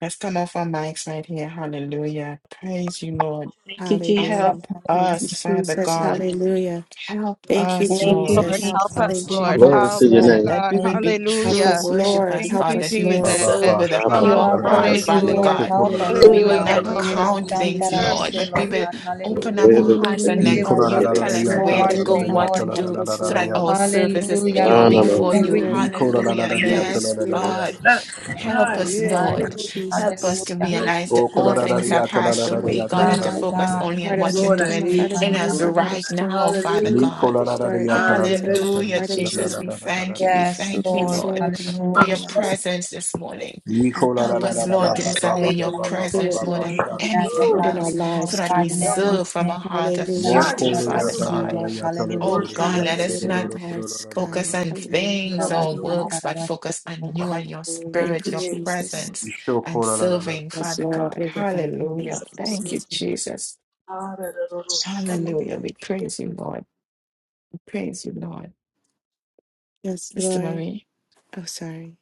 Speaker 1: Let's come off our mics right here. Hallelujah. Praise you, Lord.
Speaker 2: Thank you, Jesus.
Speaker 8: Hallelujah.
Speaker 1: Help
Speaker 2: Hallelujah.
Speaker 8: Thank
Speaker 1: us,
Speaker 8: you,
Speaker 1: Father
Speaker 8: Jesus.
Speaker 1: God.
Speaker 8: Hallelujah.
Speaker 1: Help
Speaker 8: Thank you,
Speaker 1: us,
Speaker 2: Thank
Speaker 1: Lord.
Speaker 2: you,
Speaker 6: Lord,
Speaker 8: Jesus.
Speaker 1: Help
Speaker 2: Jesus.
Speaker 1: us,
Speaker 8: Hallelujah. Help
Speaker 4: Glory to
Speaker 8: us,
Speaker 1: Jesus,
Speaker 4: your
Speaker 2: Hallelujah.
Speaker 8: Lord.
Speaker 6: Father
Speaker 4: name.
Speaker 1: that we would
Speaker 2: Thank
Speaker 1: be
Speaker 2: you.
Speaker 8: Help
Speaker 1: true
Speaker 6: Hallelujah.
Speaker 8: us, Lord.
Speaker 1: worshipers,
Speaker 6: Thank
Speaker 8: Help
Speaker 1: God,
Speaker 6: you,
Speaker 1: that
Speaker 8: us,
Speaker 1: we would
Speaker 8: Lord.
Speaker 1: serve with
Speaker 6: Jesus.
Speaker 1: a
Speaker 4: Ra, ra,
Speaker 2: You
Speaker 1: pure
Speaker 2: are
Speaker 4: ra,
Speaker 8: Help
Speaker 1: heart,
Speaker 8: us,
Speaker 2: worthy,
Speaker 1: Father
Speaker 6: Hallelujah.
Speaker 2: Lord.
Speaker 8: Lord.
Speaker 1: God,
Speaker 2: Help us,
Speaker 1: that we
Speaker 2: oh
Speaker 8: Hallelujah.
Speaker 1: will
Speaker 6: Hallelujah.
Speaker 2: God.
Speaker 1: not
Speaker 6: Help
Speaker 8: Hallelujah.
Speaker 6: us
Speaker 2: Herebe
Speaker 1: count
Speaker 6: to
Speaker 1: things,
Speaker 8: Hallelujah.
Speaker 6: serve
Speaker 1: Lord,
Speaker 2: shantaravase,
Speaker 1: but we
Speaker 2: Lord
Speaker 6: you.
Speaker 1: will
Speaker 2: God.
Speaker 1: open up
Speaker 2: Hallelujah.
Speaker 1: our hearts and let
Speaker 2: Forgive
Speaker 8: Mm.
Speaker 2: us of
Speaker 1: you tell
Speaker 8: Yes,
Speaker 2: you
Speaker 1: us where
Speaker 8: Lord.
Speaker 1: to
Speaker 8: Everything
Speaker 1: go,
Speaker 2: wholeheartedly,
Speaker 8: that
Speaker 1: what
Speaker 2: Lord.
Speaker 1: to
Speaker 8: can
Speaker 1: do,
Speaker 8: help us,
Speaker 1: so that our
Speaker 8: Lord.
Speaker 1: service is
Speaker 2: Hallelujah,
Speaker 1: pure
Speaker 4: No,
Speaker 2: Lord.
Speaker 4: no,
Speaker 1: before
Speaker 4: no.
Speaker 1: you.
Speaker 8: Hallelujah.
Speaker 2: Everything we do.
Speaker 8: Thank
Speaker 1: Hallelujah.
Speaker 8: you,
Speaker 3: Thank
Speaker 8: Holy
Speaker 1: Yes,
Speaker 2: God.
Speaker 8: Spirit.
Speaker 1: God.
Speaker 3: you.
Speaker 1: Help
Speaker 3: Hi,
Speaker 8: Give
Speaker 1: us,
Speaker 8: us a
Speaker 3: yes.
Speaker 2: My
Speaker 8: heart
Speaker 1: Lord.
Speaker 2: God.
Speaker 8: of
Speaker 1: Help us
Speaker 8: Jesus,
Speaker 1: to
Speaker 2: Hallelujah.
Speaker 3: Thank
Speaker 1: realize
Speaker 5: O
Speaker 1: that
Speaker 8: a
Speaker 1: all
Speaker 8: heart of
Speaker 1: things are
Speaker 5: kolararariyata
Speaker 1: passed away,
Speaker 8: compassion,
Speaker 5: lararariyata
Speaker 1: God,
Speaker 3: you.
Speaker 1: and to
Speaker 2: My
Speaker 1: focus
Speaker 2: God.
Speaker 5: larararariyata.
Speaker 1: only on
Speaker 8: heart of
Speaker 1: what you're
Speaker 8: s-
Speaker 3: Lord,
Speaker 2: Herebe
Speaker 3: I
Speaker 8: from
Speaker 1: doing
Speaker 8: us,
Speaker 3: need
Speaker 8: Father,
Speaker 1: in
Speaker 3: you,
Speaker 1: us
Speaker 8: remove the
Speaker 3: Lord.
Speaker 8: heart
Speaker 2: shantaravase.
Speaker 8: of
Speaker 1: right now,
Speaker 8: stone.
Speaker 1: Father
Speaker 5: Ni
Speaker 3: Hallelujah.
Speaker 8: Help
Speaker 1: God.
Speaker 8: us, Lord, that
Speaker 5: kolararariyata
Speaker 8: God to have
Speaker 3: Hallelujah.
Speaker 8: the
Speaker 1: Hallelujah,
Speaker 8: heart
Speaker 5: larararariyata
Speaker 8: of
Speaker 1: Jesus. We
Speaker 8: Jesus.
Speaker 1: thank you.
Speaker 5: larararariyata.
Speaker 1: We
Speaker 2: Yes,
Speaker 1: thank you,
Speaker 8: Yes,
Speaker 2: Lord.
Speaker 1: Lord,
Speaker 8: Lord, the heart
Speaker 1: for
Speaker 8: of
Speaker 1: your
Speaker 2: Hallelujah.
Speaker 8: Jesus.
Speaker 1: presence this morning.
Speaker 5: Ni
Speaker 1: Help us,
Speaker 8: Hallelujah,
Speaker 1: Lord, to
Speaker 5: kolarararariyata
Speaker 8: God.
Speaker 5: ba
Speaker 1: desire
Speaker 5: ba ba
Speaker 1: your
Speaker 5: ba
Speaker 8: Hallelujah.
Speaker 5: ba ba
Speaker 8: Do
Speaker 1: presence
Speaker 8: it,
Speaker 1: more than
Speaker 8: Lord.
Speaker 2: be
Speaker 1: anything
Speaker 8: Do it
Speaker 2: magnified
Speaker 8: in
Speaker 2: and
Speaker 8: our
Speaker 3: Thank
Speaker 1: else so
Speaker 8: lives,
Speaker 1: that
Speaker 2: glorified
Speaker 1: we
Speaker 2: in
Speaker 3: you.
Speaker 8: God.
Speaker 1: serve from
Speaker 2: everything
Speaker 1: a heart of
Speaker 2: that
Speaker 8: Hallelujah,
Speaker 2: we bring
Speaker 1: purity,
Speaker 2: us
Speaker 1: Father
Speaker 2: unto
Speaker 8: Jesus.
Speaker 2: you,
Speaker 1: God.
Speaker 2: Lord. Hallelujah.
Speaker 8: Oh,
Speaker 1: Oh
Speaker 3: Worship
Speaker 1: God,
Speaker 3: you.
Speaker 1: let
Speaker 8: God, do
Speaker 1: us
Speaker 8: it in our
Speaker 1: not
Speaker 8: hearts,
Speaker 1: focus
Speaker 8: God.
Speaker 1: on
Speaker 8: Hallelujah.
Speaker 1: things
Speaker 3: Lord, you're
Speaker 8: Thank
Speaker 1: or
Speaker 8: you, Lord.
Speaker 3: all
Speaker 1: works, but focus on
Speaker 2: Lord,
Speaker 1: you and your
Speaker 2: hallelujah.
Speaker 8: Thank
Speaker 1: spirit,
Speaker 8: you,
Speaker 1: your
Speaker 3: creators,
Speaker 8: Jesus.
Speaker 1: presence, and serving,
Speaker 8: Yes,
Speaker 1: Father
Speaker 8: Lord.
Speaker 1: God.
Speaker 8: We give up. in the name
Speaker 1: Hallelujah.
Speaker 8: of
Speaker 1: Thank you,
Speaker 8: Jesus.
Speaker 1: Jesus. Hallelujah. We praise you, Lord. Praise you, Lord.
Speaker 8: Yes,
Speaker 1: Sister
Speaker 8: Lord.
Speaker 1: Marie.
Speaker 8: Oh, sorry.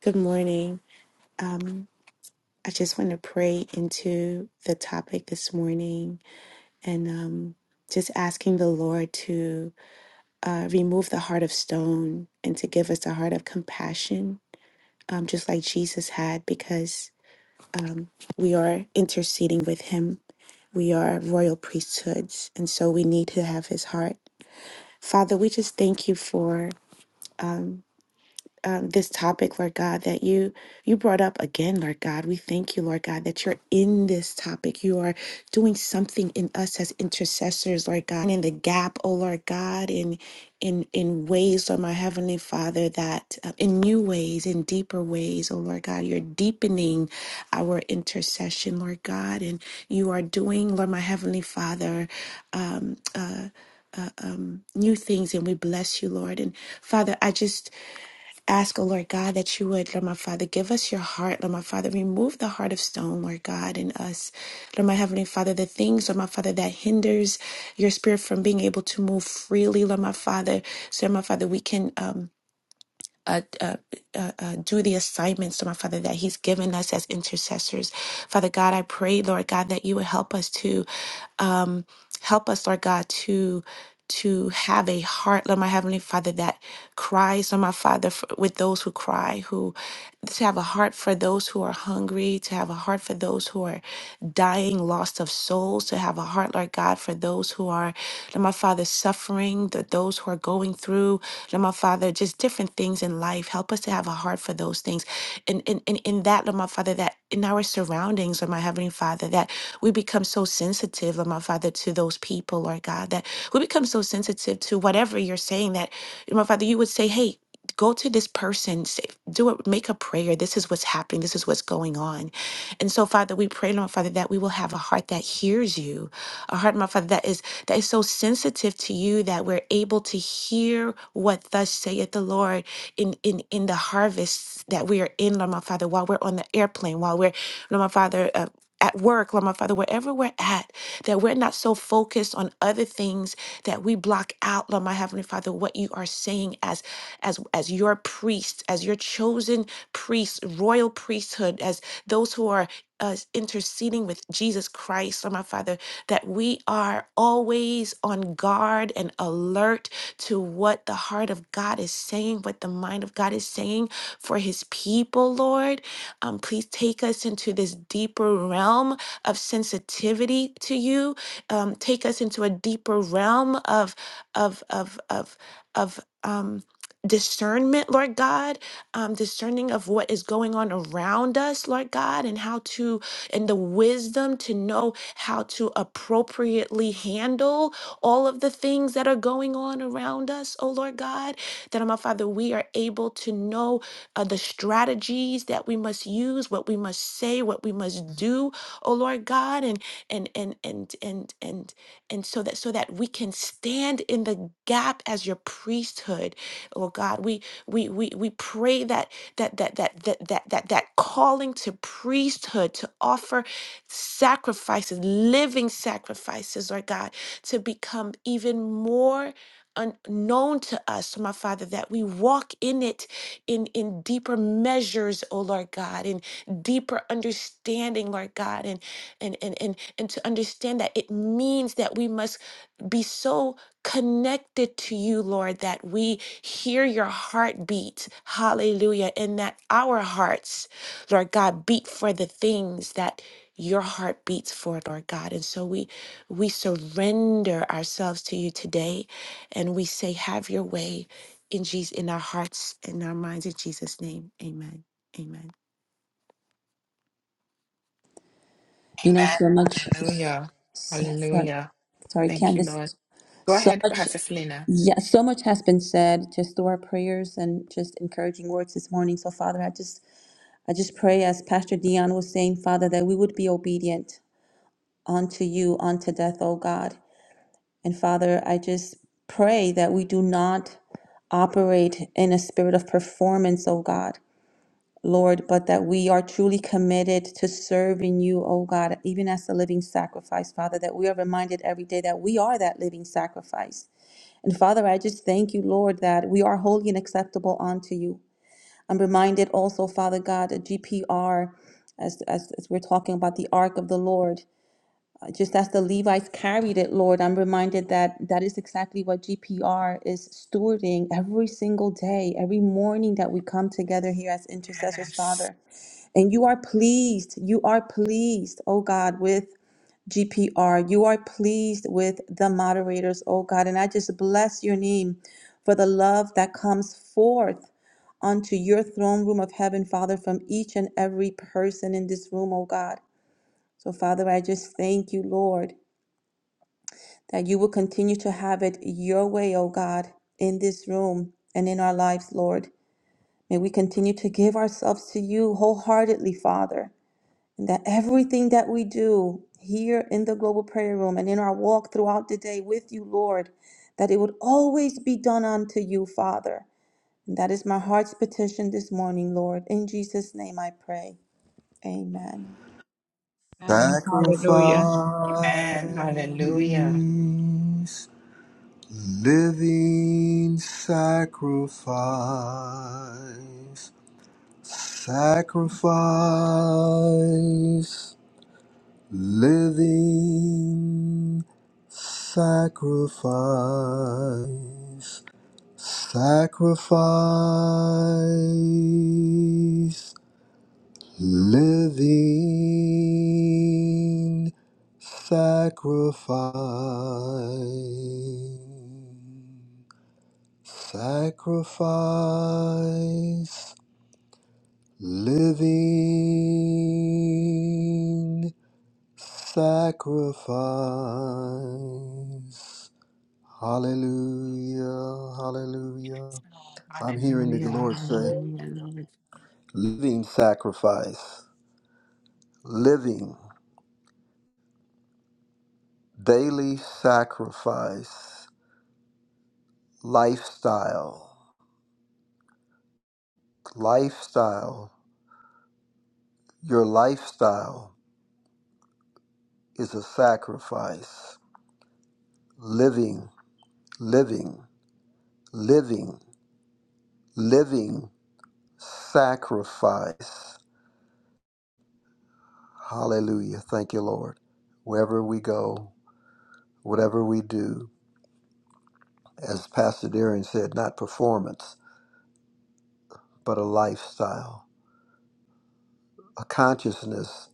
Speaker 8: Good morning. Um. I just want to pray into the topic this morning and um, just asking the Lord to uh, remove the heart of stone and to give us a heart of compassion, um, just like Jesus had, because um, we are interceding with Him. We are royal priesthoods, and so we need to have His heart. Father, we just thank you for. um, um, this topic, Lord God, that you you brought up again, Lord God. We thank you, Lord God, that you're in this topic. You are doing something in us as intercessors, Lord God, in the gap, oh Lord God, in in in ways, Lord my heavenly Father, that uh, in new ways, in deeper ways, oh Lord God, you're deepening our intercession, Lord God, and you are doing, Lord my heavenly Father, um, uh, uh, um, new things, and we bless you, Lord. And Father, I just ask, oh Lord God, that you would, Lord my Father, give us your heart, Lord my Father, remove the heart of stone, Lord God, in us. Lord my Heavenly Father, the things, Lord my Father, that hinders your spirit from being able to move freely, Lord my Father. So, Lord my Father, we can. Um, uh, uh, uh, uh, do the assignments, my Father, that He's given us as intercessors. Father God, I pray, Lord God, that you would help us to um, help us, Lord God, to to have a heart, Lord my Heavenly Father, that cries, Lord my Father, for, with those who cry, who to have a heart for those who are hungry, to have a heart for those who are dying, lost of souls, to have a heart, Lord God, for those who are, Lord my Father, suffering, that those who are going through Lord my Father, just different things in life. Help us to have a heart for those things. And in, in, in that, Lord my Father, that in our surroundings, Lord my Heavenly Father, that we become so sensitive, Lord my Father, to those people, Lord God, that we become so sensitive to whatever you're saying that, Lord my Father, you would say, hey, go to this person say, do it make a prayer this is what's happening this is what's going on and so father we pray lord father that we will have a heart that hears you a heart my father that is that is so sensitive to you that we're able to hear what thus saith the Lord in in in the harvests that we are in, Lord my Father, while we're on the airplane, while we're, Lord my Father, uh, at work, Lord my Father, wherever we're at, that we're not so focused on other things that we block out, Lord my Heavenly Father, what you are saying as as as your priests, as your chosen priests, royal priesthood, as those who are us interceding with Jesus Christ, Lord my Father, that we are always on guard and alert to what the heart of God is saying, what the mind of God is saying for his people, Lord. Um, please take us into this deeper realm of sensitivity to you. Um, take us into a deeper realm of of of of of um discernment, Lord God, um, discerning of what is going on around us, Lord God, and how to, and the wisdom to know how to appropriately handle all of the things that are going on around us, oh Lord God. That, oh my Father, we are able to know uh, the strategies that we must use, what we must say, what we must do, oh Lord God, and and and and and and and so that so that we can stand in the gap as your priesthood, oh God. We we we we pray that that that that that that that, that calling to priesthood to offer sacrifices, living sacrifices, Lord God, to become even more unknown to us, my Father, that we walk in it in, in deeper measures, oh Lord God, in deeper understanding, Lord God, and and and and, and to understand that it means that we must be so connected to you, Lord, that we hear your heartbeat. Hallelujah. And that our hearts, Lord God, beat for the things that your heart beats for it, Lord God. And so we we surrender ourselves to you today and we say, have your way in Jesus in our hearts and our minds in Jesus' name. Amen. Amen.
Speaker 2: You know, so much,
Speaker 1: Amen. Hallelujah.
Speaker 2: sorry,
Speaker 1: Hallelujah.
Speaker 2: sorry,
Speaker 1: Thank you, Lord.
Speaker 2: Candace,
Speaker 1: Go
Speaker 2: so
Speaker 1: ahead,
Speaker 2: much,
Speaker 1: Pastor Selena.
Speaker 2: yeah, so much has been said just through our prayers and just encouraging words this morning. So, Father, I just, I just pray as Pastor Dion was saying, Father, that we would be obedient unto you unto death, O God. And Father, I just pray that we do not operate in a spirit of performance, oh God, Lord, but that we are truly committed to serving you, oh God, even as a living sacrifice, Father, that we are reminded every day that we are that living sacrifice. And Father, I just thank you, Lord, that we are holy and acceptable unto you. I'm reminded also, Father God, that GPR, as, as, as we're talking about the ark of the Lord, just as the Levites carried it, Lord, I'm reminded that that is exactly what GPR is stewarding every single day, every morning that we come together here as intercessors,
Speaker 1: Yes.
Speaker 2: Father. And you are pleased, you are pleased, oh God, with GPR. You are pleased with the moderators, oh God. And I just bless your name for the love that comes forth onto your throne room of heaven, Father, from each and every person in this room, oh God. So, Father, I just thank you, Lord that you will continue to have it your way, O God, in this room and in our lives, Lord. May we continue to give ourselves to you wholeheartedly, Father, and that everything that we do here in the global prayer room and in our walk throughout the day with you, Lord, that it would always be done unto you, Father. And that is my heart's petition this morning, Lord. In Jesus' name I pray. Amen.
Speaker 6: And hallelujah.
Speaker 1: Amen. Hallelujah.
Speaker 5: Sacrifice, living sacrifice. Sacrifice, living sacrifice, sacrifice, living sacrifice, sacrifice, living sacrifice. Hallelujah,
Speaker 1: Yes,
Speaker 5: hallelujah.
Speaker 1: Lord.
Speaker 5: I'm hearing the
Speaker 1: Hallelujah.
Speaker 5: Lord say,
Speaker 1: Hallelujah, Lord.
Speaker 5: living sacrifice, living daily sacrifice, lifestyle, lifestyle. Your lifestyle is a sacrifice. Living, living, living, living sacrifice. Hallelujah. Thank you, Lord. Wherever we go, whatever we do, as Pastor Deering said, not performance, but a lifestyle, a consciousness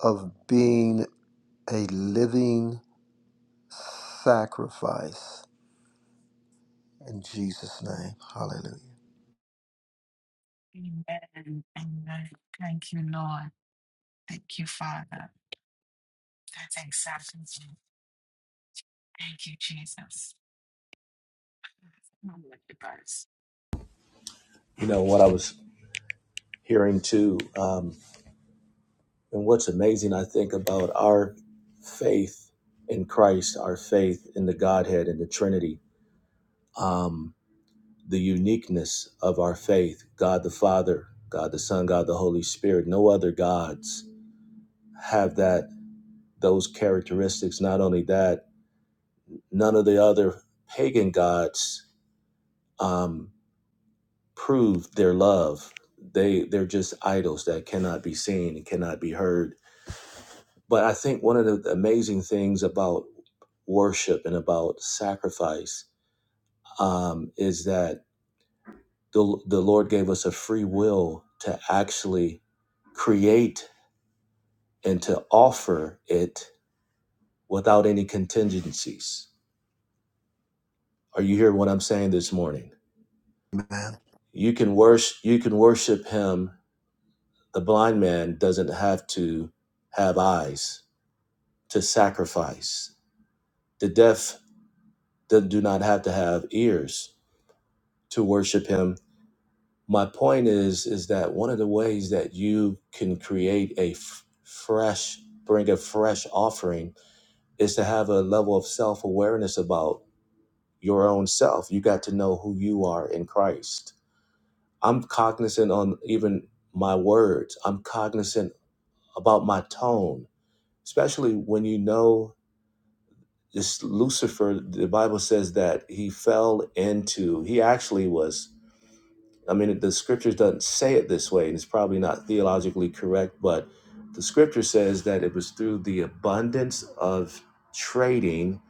Speaker 5: of being a living sacrifice in Jesus' name. Hallelujah.
Speaker 1: Amen. Amen. Thank you, Lord. Thank you, Father. That's exactly it. Thank you, Jesus. Multiverse.
Speaker 7: You know, what I was hearing too, um, and what's amazing, I think, about our faith in Christ, our faith in the Godhead and the Trinity, um, the uniqueness of our faith, God the Father, God the Son, God the Holy Spirit, no other gods have that those characteristics. Not only that, none of the other pagan gods um, prove their love. They they're just idols that cannot be seen and cannot be heard. But I think one of the amazing things about worship and about sacrifice um, is that the the Lord gave us a free will to actually create and to offer it without any contingencies. Are you hearing what I'm saying this morning?
Speaker 5: Amen.
Speaker 7: You can worship you can worship him. The blind man doesn't have to have eyes to sacrifice. The deaf that do not have to have ears to worship him. My point is is that one of the ways that you can create a f- fresh bring a fresh offering is to have a level of self-awareness about your own self. You got to know who you are in Christ. I'm cognizant on even my words. I'm cognizant about my tone, especially when you know this Lucifer, the Bible says that he fell into, he actually was, I mean, the scriptures doesn't say it this way, and it's probably not theologically correct, but the scripture says that it was through the abundance of trading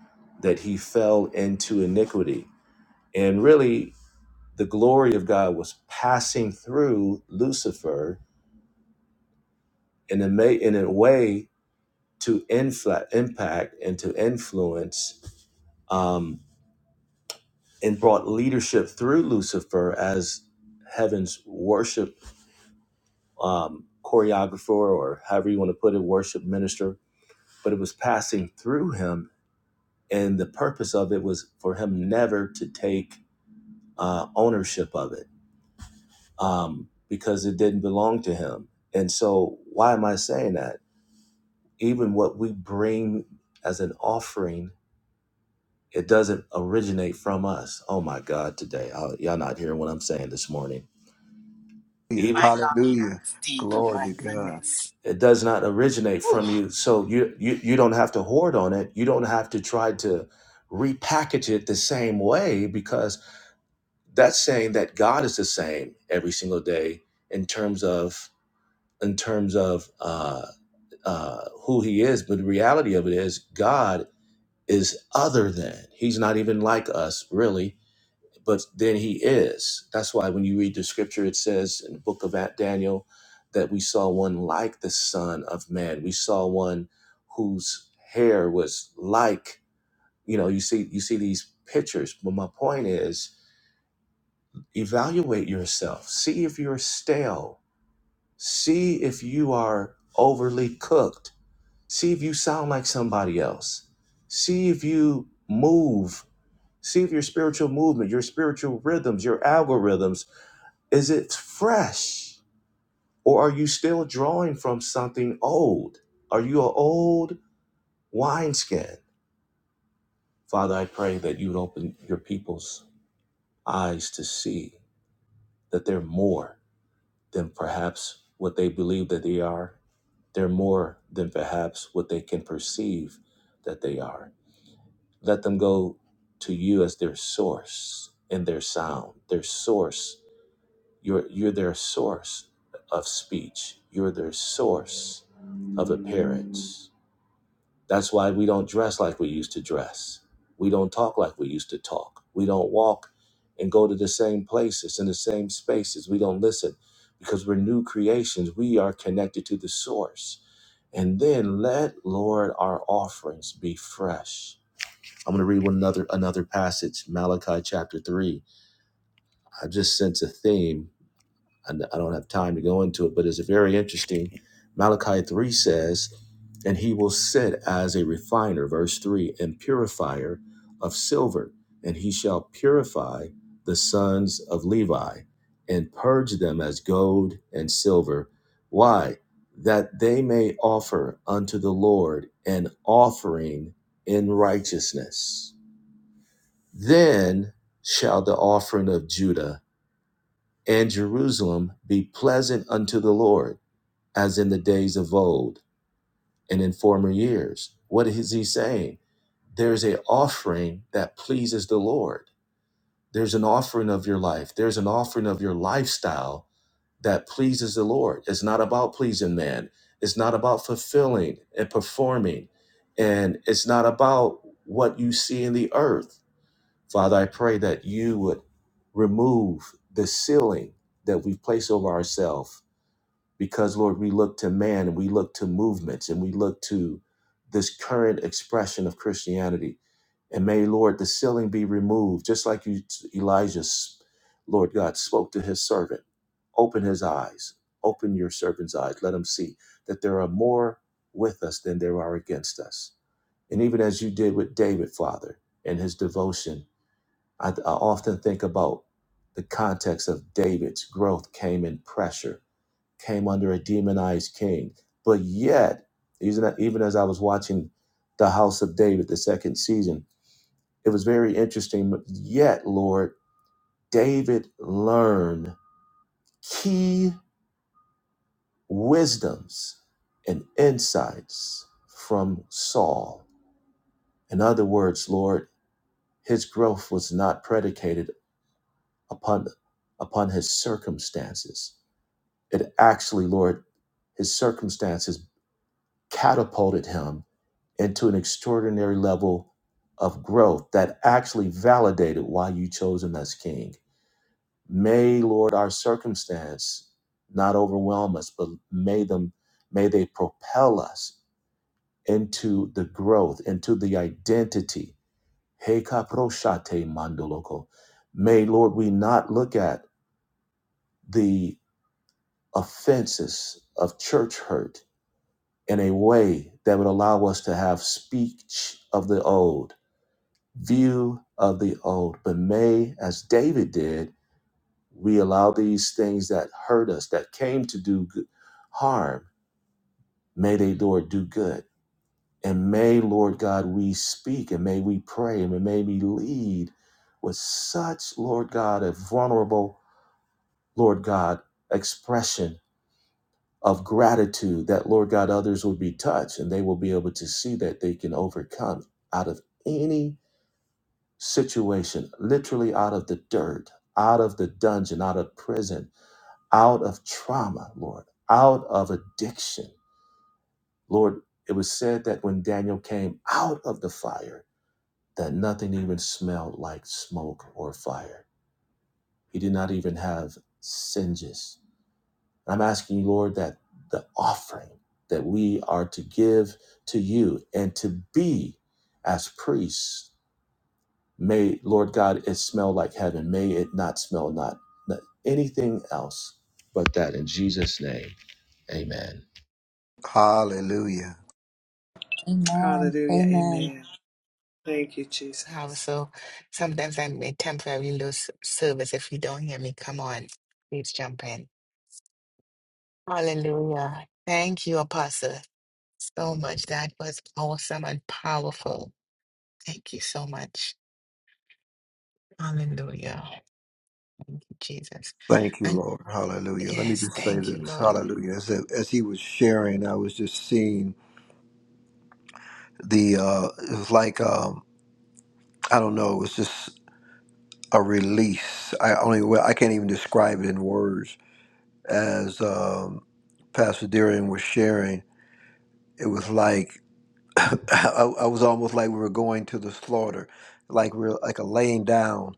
Speaker 7: that he fell into iniquity. And really, the glory of God was passing through Lucifer in a, ma- in a way to infla- impact and to influence. um, and brought leadership through Lucifer as heaven's worship um, choreographer, or however you want to put it, worship minister. But it was passing through him, and the purpose of it was for him never to take uh, ownership of it um, because it didn't belong to him. And so, why am I saying that? Even what we bring as an offering, it doesn't originate from us. Oh my God, today, I, y'all not hearing what I'm saying this morning
Speaker 5: Hallelujah.
Speaker 7: even.
Speaker 1: My God,
Speaker 5: Hallelujah.
Speaker 1: that's deep.
Speaker 5: Glory
Speaker 1: My
Speaker 5: to God.
Speaker 1: goodness.
Speaker 7: it does not originate
Speaker 1: Whew.
Speaker 7: from you so you you you don't have to hoard on it you don't have to try to repackage it the same way because that's saying that god is the same every single day in terms of in terms of uh uh who he is but the reality of it is god is other than he's not even like us really but then he is. That's why when you read the scripture, it says in the book of Daniel that we saw one like the Son of Man. We saw one whose hair was like, you know, you see, you see these pictures. But my point is, evaluate yourself. See if you're stale. See if you are overly cooked. See if you sound like somebody else. See if you move. See if your spiritual movement, your spiritual rhythms, your algorithms Is it fresh? Or are you still drawing from something old? Are you an old wineskin? Father, I pray that you would open your people's eyes to see that they're more than perhaps what they believe that they are. They're more than perhaps what they can perceive that they are. Let them go to you as their source and their sound, their source You're, you're their source of speech, you're their source of appearance. That's why we don't dress like we used to dress. We don't talk like we used to talk. We don't walk and go to the same places and the same spaces. We don't listen because we're new creations. We are connected to the source. And then let Lord our offerings be fresh. I'm going to read one another another passage, Malachi chapter 3. I just sense a theme and I don't have time to go into it, but it's very interesting. Malachi 3 says, And he will sit as a refiner, verse 3, and purifier of silver, and he shall purify the sons of Levi and purge them as gold and silver. Why? That they may offer unto the Lord an offering in righteousness. Then shall the offering of Judah and Jerusalem be pleasant unto the Lord, as in the days of old and in former years. What is he saying? There's an offering that pleases the Lord. There's an offering of your life. There's an offering of your lifestyle that pleases the Lord. It's not about pleasing man. It's not about fulfilling and performing. And it's not about what you see in the earth. Father, I pray that you would remove the ceiling that we place over ourselves because Lord, we look to man and we look to movements and we look to this current expression of Christianity. And may, Lord, the ceiling be removed, just like you, Elijah, Lord God, spoke to his servant. Open his eyes, open your servant's eyes. Let him see that there are more with us than there are against us. And even as you did with David, Father, and his devotion, I, I often think about the context of David's growth came in pressure came under a demonized king. But yet, even, as I was watching The House of David, the second season, it was very interesting. But yet, Lord, David learned key wisdoms and insights from Saul. In other words, Lord, his growth was not predicated upon, upon his circumstances. It actually, Lord, his circumstances catapulted him into an extraordinary level of growth that actually validated why you chose him as king. May, Lord, our circumstance not overwhelm us, but may them may they propel us into the growth, into the identity. Hey kaproshate mandoloko. May, Lord, we not look at the offenses of church hurt in a way that would allow us to have speech of the old view of the old, but may, as David did, we allow these things that hurt us, that came to do good, harm, may they, Lord, do good. And may, Lord God, we speak and may we pray and may we lead with such, Lord God, a vulnerable, Lord God, expression of gratitude that, Lord God, others will be touched and they will be able to see that they can overcome out of any situation, literally out of the dirt, out of the dungeon, out of prison, out of trauma, Lord, out of addiction. Lord, it was said that when Daniel came out of the fire, that nothing even smelled like smoke or fire. He did not even have singes. I'm asking you, Lord, that the offering that we are to give to you and to be as priests May, Lord God, it smell like heaven. May it not smell not, not anything else but that. In Jesus' name, amen.
Speaker 5: Hallelujah.
Speaker 2: Amen.
Speaker 3: Hallelujah.
Speaker 2: Amen.
Speaker 3: Amen. Thank you,
Speaker 1: Wow.
Speaker 3: Jesus.
Speaker 1: So sometimes I may temporarily lose service if you don't hear me. Come on, please jump in. Hallelujah. Thank you, Apostle, so much. That was awesome and powerful. Thank you so much. Hallelujah, Jesus.
Speaker 5: Thank you,
Speaker 1: And
Speaker 5: Lord. Hallelujah. Let me
Speaker 1: yes,
Speaker 5: just say
Speaker 1: thank you,
Speaker 5: this.
Speaker 1: Lord.
Speaker 5: Hallelujah. As, as he was sharing, I was just seeing the, uh, it was like, um, I don't know. It was just a release. I only well, I can't even describe it in words. As um, Pastor Deering was sharing, it was like I, I was almost like we were going to the slaughter, like we are like a laying down,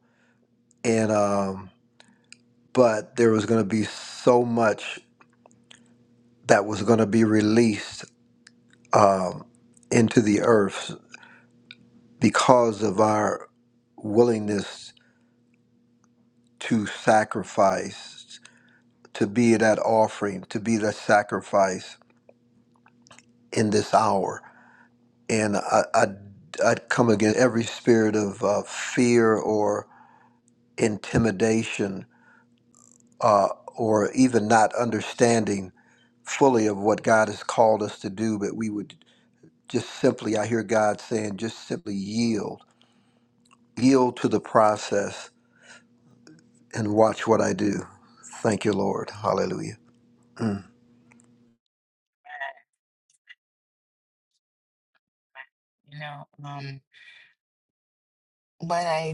Speaker 5: and um, but there was going to be so much that was going to be released um, into the earth because of our willingness to sacrifice. to be that offering, to be that sacrifice in this hour. And I, I, I come against every spirit of uh, fear or intimidation uh, or even not understanding fully of what God has called us to do, but we would just simply, I hear God saying, just simply yield, yield to the process and watch what I do. Thank you, Lord. Hallelujah.
Speaker 1: You know, um, what I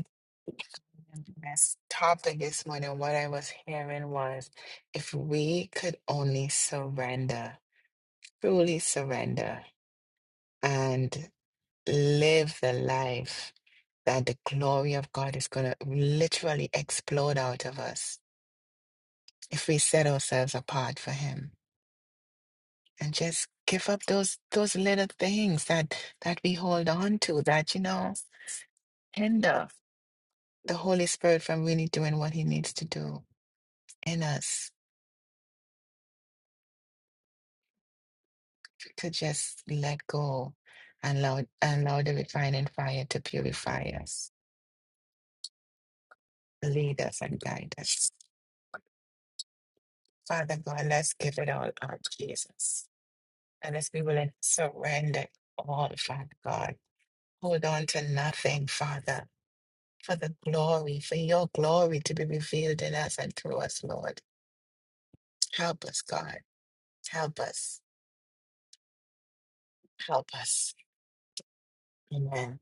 Speaker 1: This topic this morning, what I was hearing was if we could only surrender, truly surrender, and live the life that the glory of God is going to literally explode out of us if we set ourselves apart for Him and just give up those those little things that that we hold on to that you know hinder the Holy Spirit from really doing what He needs to do in us to just let go and allow, and allow the refining fire to purify us, lead us, and guide us. Father God, let's give it all up, Jesus. And let's be willing to surrender all, Father God. Hold on to nothing, Father, for the glory, for your glory to be revealed in us and through us, Lord. Help us, God. Help us. Help us. Amen.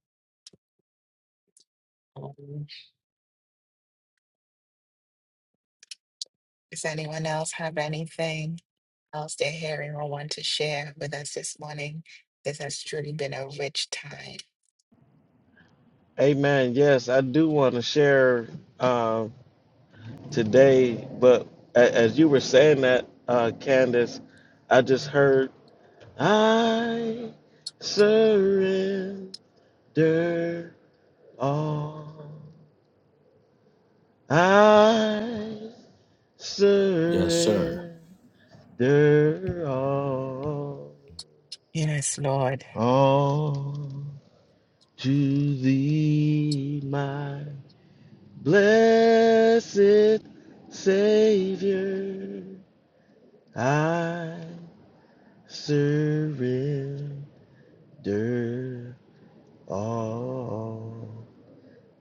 Speaker 1: Does anyone else have anything else they're hearing or want to share with us this morning? This has truly been a rich time.
Speaker 4: Amen. Yes, I do want to share uh, today, but a- as you were saying that, uh, Candace, I just heard, I surrender all. I
Speaker 7: Yes, sir.
Speaker 4: surrender all,
Speaker 1: Yes, Lord.
Speaker 4: all to thee, my Blessed Savior, I surrender all.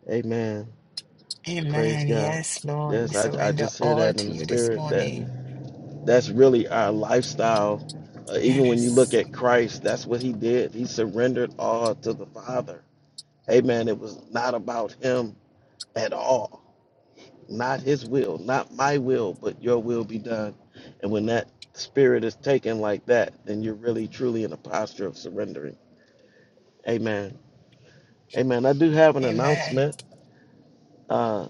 Speaker 4: Amen. Praise
Speaker 1: Amen.
Speaker 4: God.
Speaker 1: Yes, Lord, we
Speaker 4: Yes, I, I
Speaker 1: surrender
Speaker 4: just hear
Speaker 1: all
Speaker 4: that in
Speaker 1: to
Speaker 4: the
Speaker 1: you this
Speaker 4: spirit that
Speaker 1: morning.
Speaker 4: that's really our lifestyle. Uh, even when you look
Speaker 1: Yes.
Speaker 4: at Christ, that's what he did. He surrendered all to the Father. Amen. It was not about him at all. not his will, not my will, but your will be done. And when that spirit is taken like that, then you're really truly in a posture of surrendering. Amen. Amen. I do have an
Speaker 1: Amen.
Speaker 4: announcement uh,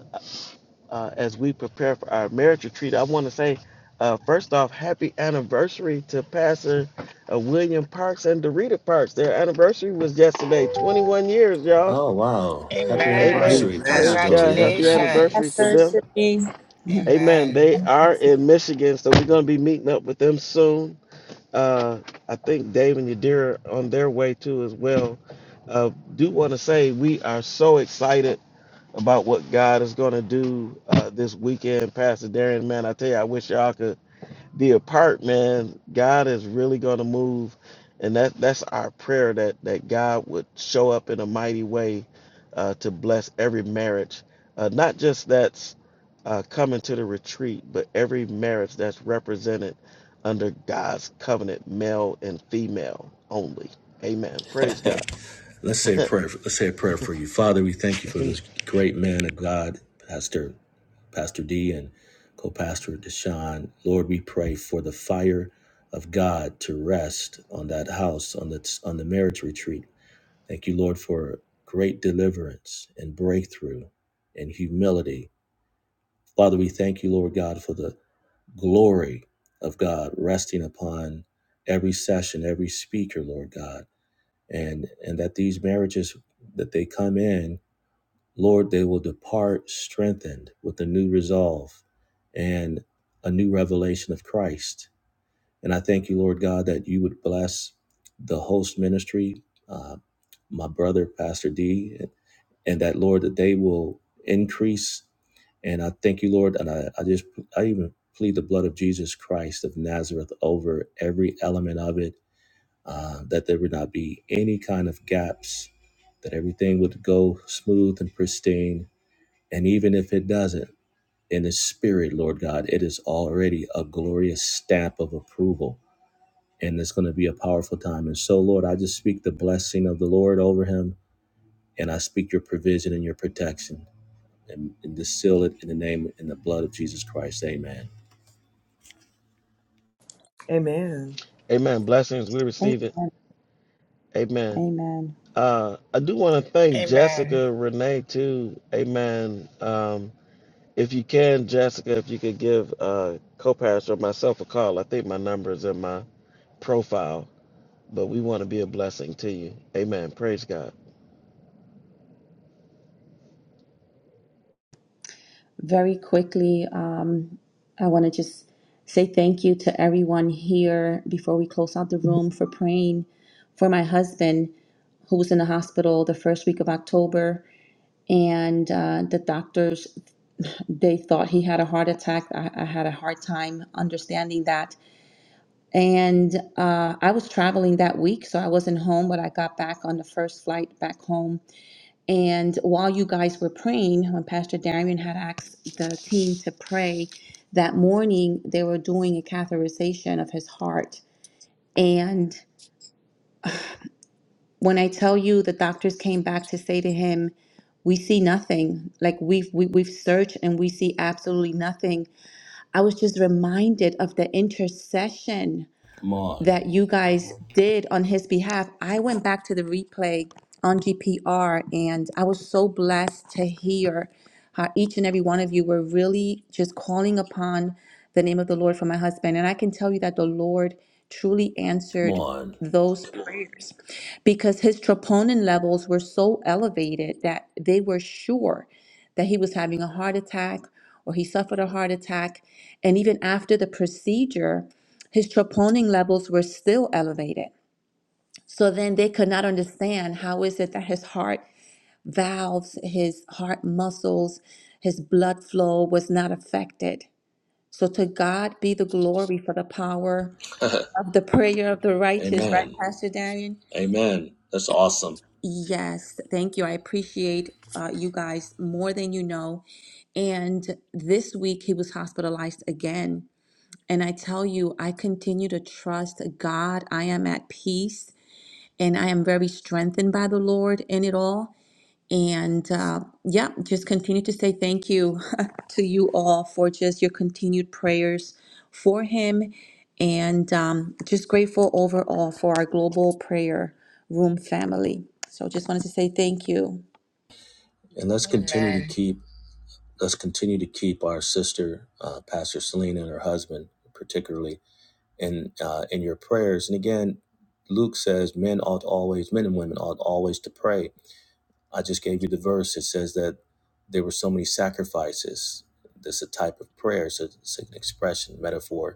Speaker 4: uh, as we prepare for our marriage retreat. I want to say, uh, first off, happy anniversary to Pastor uh, William Parks and Dorita Parks. Their anniversary was yesterday, 21 years, y'all.
Speaker 7: Oh, wow. Happy
Speaker 1: Amen.
Speaker 4: Amen.
Speaker 7: anniversary, Pastor
Speaker 4: Praise
Speaker 5: Amen.
Speaker 7: Del
Speaker 4: God.
Speaker 7: Rita.
Speaker 4: Happy
Speaker 2: Happy
Speaker 4: anniversary to
Speaker 1: Congratulations.
Speaker 4: them.
Speaker 2: anniversary.
Speaker 4: Amen.
Speaker 1: Amen.
Speaker 4: They are in Michigan, so we're going to be meeting up with them soon. Uh, I think Dave and Yadira are on their way too as well. Uh, do want to say we are so excited about what God is going to do uh, this weekend, Pastor Darian. Man, I tell you, I wish y'all could the apartment, God is really going to move, and that that's our prayer that that God would show up in a mighty way uh, to bless every marriage, uh, not just that's uh, coming to the retreat, but every marriage that's represented under God's covenant, male and female only. Amen. Praise God.
Speaker 7: Let's say a prayer. Let's say a prayer for you. Father, we thank you for this great man of God, Pastor Pastor D and co-pastor Deshaun. Lord, we pray for the fire of God to rest on that house, on the on the marriage retreat. Thank you, Lord, for great deliverance and breakthrough and humility. Father, we thank you, Lord God, for the glory of God resting upon every session, every speaker, Lord God, and and that these marriages that they come in, Lord, they will depart strengthened with a new resolve and a new revelation of Christ. And I thank you, Lord God, that you would bless the host ministry, uh, my brother, Pastor D. and that Lord that they will increase. And I thank you, Lord, and I, I just I even plead the blood of Jesus Christ of Nazareth over every element of it, uh, that there would not be any kind of gaps, that everything would go smooth and pristine. And even if it doesn't, in the spirit, Lord God, it is already a glorious stamp of approval. And it's going to be a powerful time. And so, Lord, I just speak the blessing of the Lord over him, and I speak your provision and your protection and, and to seal it in the name and the blood of Jesus Christ. Amen.
Speaker 3: Amen.
Speaker 4: Amen. Blessings. We receive it.
Speaker 2: Amen.
Speaker 4: Amen.
Speaker 2: Amen.
Speaker 4: Uh, I do want to thank
Speaker 1: Amen.
Speaker 4: Jessica Renee too. Amen. Um, If you can, Jessica, if you could give uh, co-pastor or myself a call, I think my number is in my profile. But we want to be a blessing to you. Amen. Praise God.
Speaker 2: Very quickly, um, I want to just say thank you to everyone here before we close out the room for praying for my husband who was in the hospital the first week of October. And uh, the doctors, they thought he had a heart attack. I, I had a hard time understanding that. And uh, I was traveling that week, so I wasn't home, but I got back on the first flight back home And while you guys were praying, when Pastor Darian had asked the team to pray that morning, they were doing a catheterization of his heart. And when I tell you the doctors came back to say to him, we see nothing. Like we've we, we've searched and we see absolutely nothing. I was just reminded of the intercession
Speaker 7: Come on.
Speaker 2: that you guys did on his behalf. I went back to the replay on GPR and I was so blessed to hear how each and every one of you were really just calling upon the name of the Lord for my husband. And I can tell you that the Lord truly
Speaker 7: Come
Speaker 2: answered
Speaker 7: on.
Speaker 2: those prayers because his troponin levels were so elevated that they were sure that he was having a heart attack or he suffered a heart attack. And even after the procedure, his troponin levels were still elevated. So then they could not understand how is it that his heart valves, his heart muscles, his blood flow was not affected. So to God be the glory for the power of the prayer of the righteous, right,
Speaker 7: Amen.
Speaker 2: Pastor Darian?
Speaker 7: Amen. That's awesome.
Speaker 2: Yes, thank you. I appreciate uh, you guys more than you know. And this week he was hospitalized again. And I tell you, I continue to trust God. I am at peace and I am very strengthened by the Lord in it all. And uh, yeah, just continue to say thank you to you all for just your continued prayers for him, and um, just grateful overall for our global prayer room family. So just wanted to say thank you.
Speaker 7: And let's continue to
Speaker 1: Amen.
Speaker 7: keep let's continue to keep our sister, uh, Pastor Selena and her husband, particularly in uh, in your prayers. And again, Luke says men ought always men and women ought always to pray. I just gave you the verse. It says that there were so many sacrifices. This is a type of prayer. So it's an expression, metaphor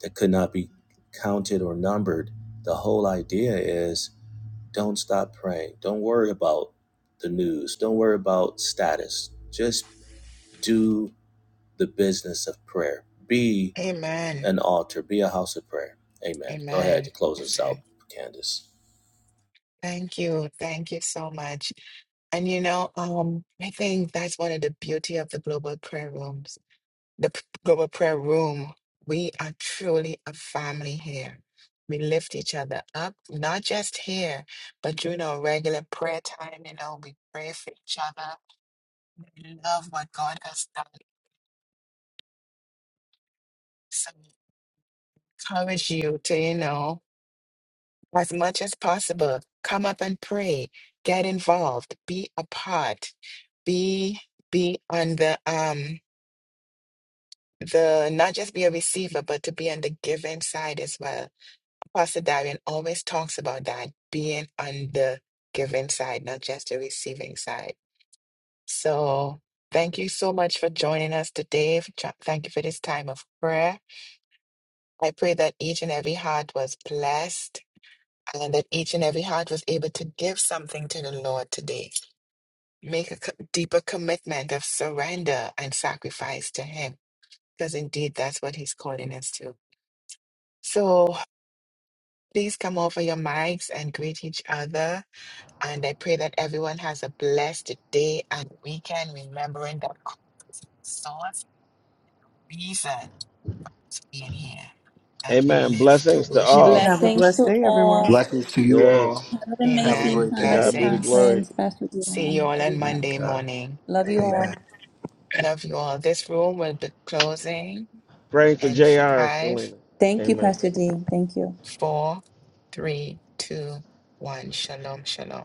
Speaker 7: that could not be counted or numbered. The whole idea is don't stop praying. Don't worry about the news. Don't worry about status. Just do the business of prayer. Be
Speaker 1: Amen.
Speaker 7: an altar. Be a house of prayer. Amen. Go ahead
Speaker 1: Amen.
Speaker 7: to close us out,
Speaker 1: Amen.
Speaker 7: Candace.
Speaker 1: Thank you. Thank you so much. And you know, um, I think that's one of the beauty of the global prayer rooms. the p- global prayer room. We are truly a family here. We lift each other up, not just here, but during our regular prayer time. You know, we pray for each other. We love what God has done. So we encourage you to, you know, as much as possible, come up and pray, get involved, be a part, be be on the um the not just be a receiver, but to be on the giving side as well Pastor Darian always talks about that being on the giving side, not just the receiving side. So thank you so much for joining us today. For tr- Thank you for this time of prayer. I pray that each and every heart was blessed and that each and every heart was able to give something to the Lord today. Make a co- deeper commitment of surrender and sacrifice to Him, because indeed that's what He's calling us to. So please come over your mics and greet each other And I pray that everyone has a blessed day and weekend, remembering that God is the source reason is being here, that we
Speaker 4: Amen.
Speaker 1: live to
Speaker 4: Blessings to
Speaker 1: worship
Speaker 4: all.
Speaker 1: Him.
Speaker 3: Have a
Speaker 2: Blessings
Speaker 3: blessed
Speaker 2: to
Speaker 3: day, everyone.
Speaker 2: all.
Speaker 5: Blessings to you all.
Speaker 4: Yes.
Speaker 2: Have an
Speaker 5: Have a
Speaker 2: amazing
Speaker 1: Amen.
Speaker 5: great
Speaker 4: To
Speaker 2: time at the
Speaker 4: God be the
Speaker 1: Blessings.
Speaker 4: glory.
Speaker 2: conference, Pastor
Speaker 1: See you
Speaker 2: Dion,
Speaker 1: all on
Speaker 2: everyone.
Speaker 1: Monday
Speaker 5: day.
Speaker 1: morning.
Speaker 2: Love you
Speaker 5: Amen.
Speaker 2: all.
Speaker 1: Love you all. This room will be closing
Speaker 4: Praying for
Speaker 1: in
Speaker 4: Jr.
Speaker 1: five,
Speaker 4: Selena.
Speaker 2: Thank you,
Speaker 4: Amen.
Speaker 2: Pastor D. Thank you.
Speaker 1: four, three, two, one. Shalom, shalom.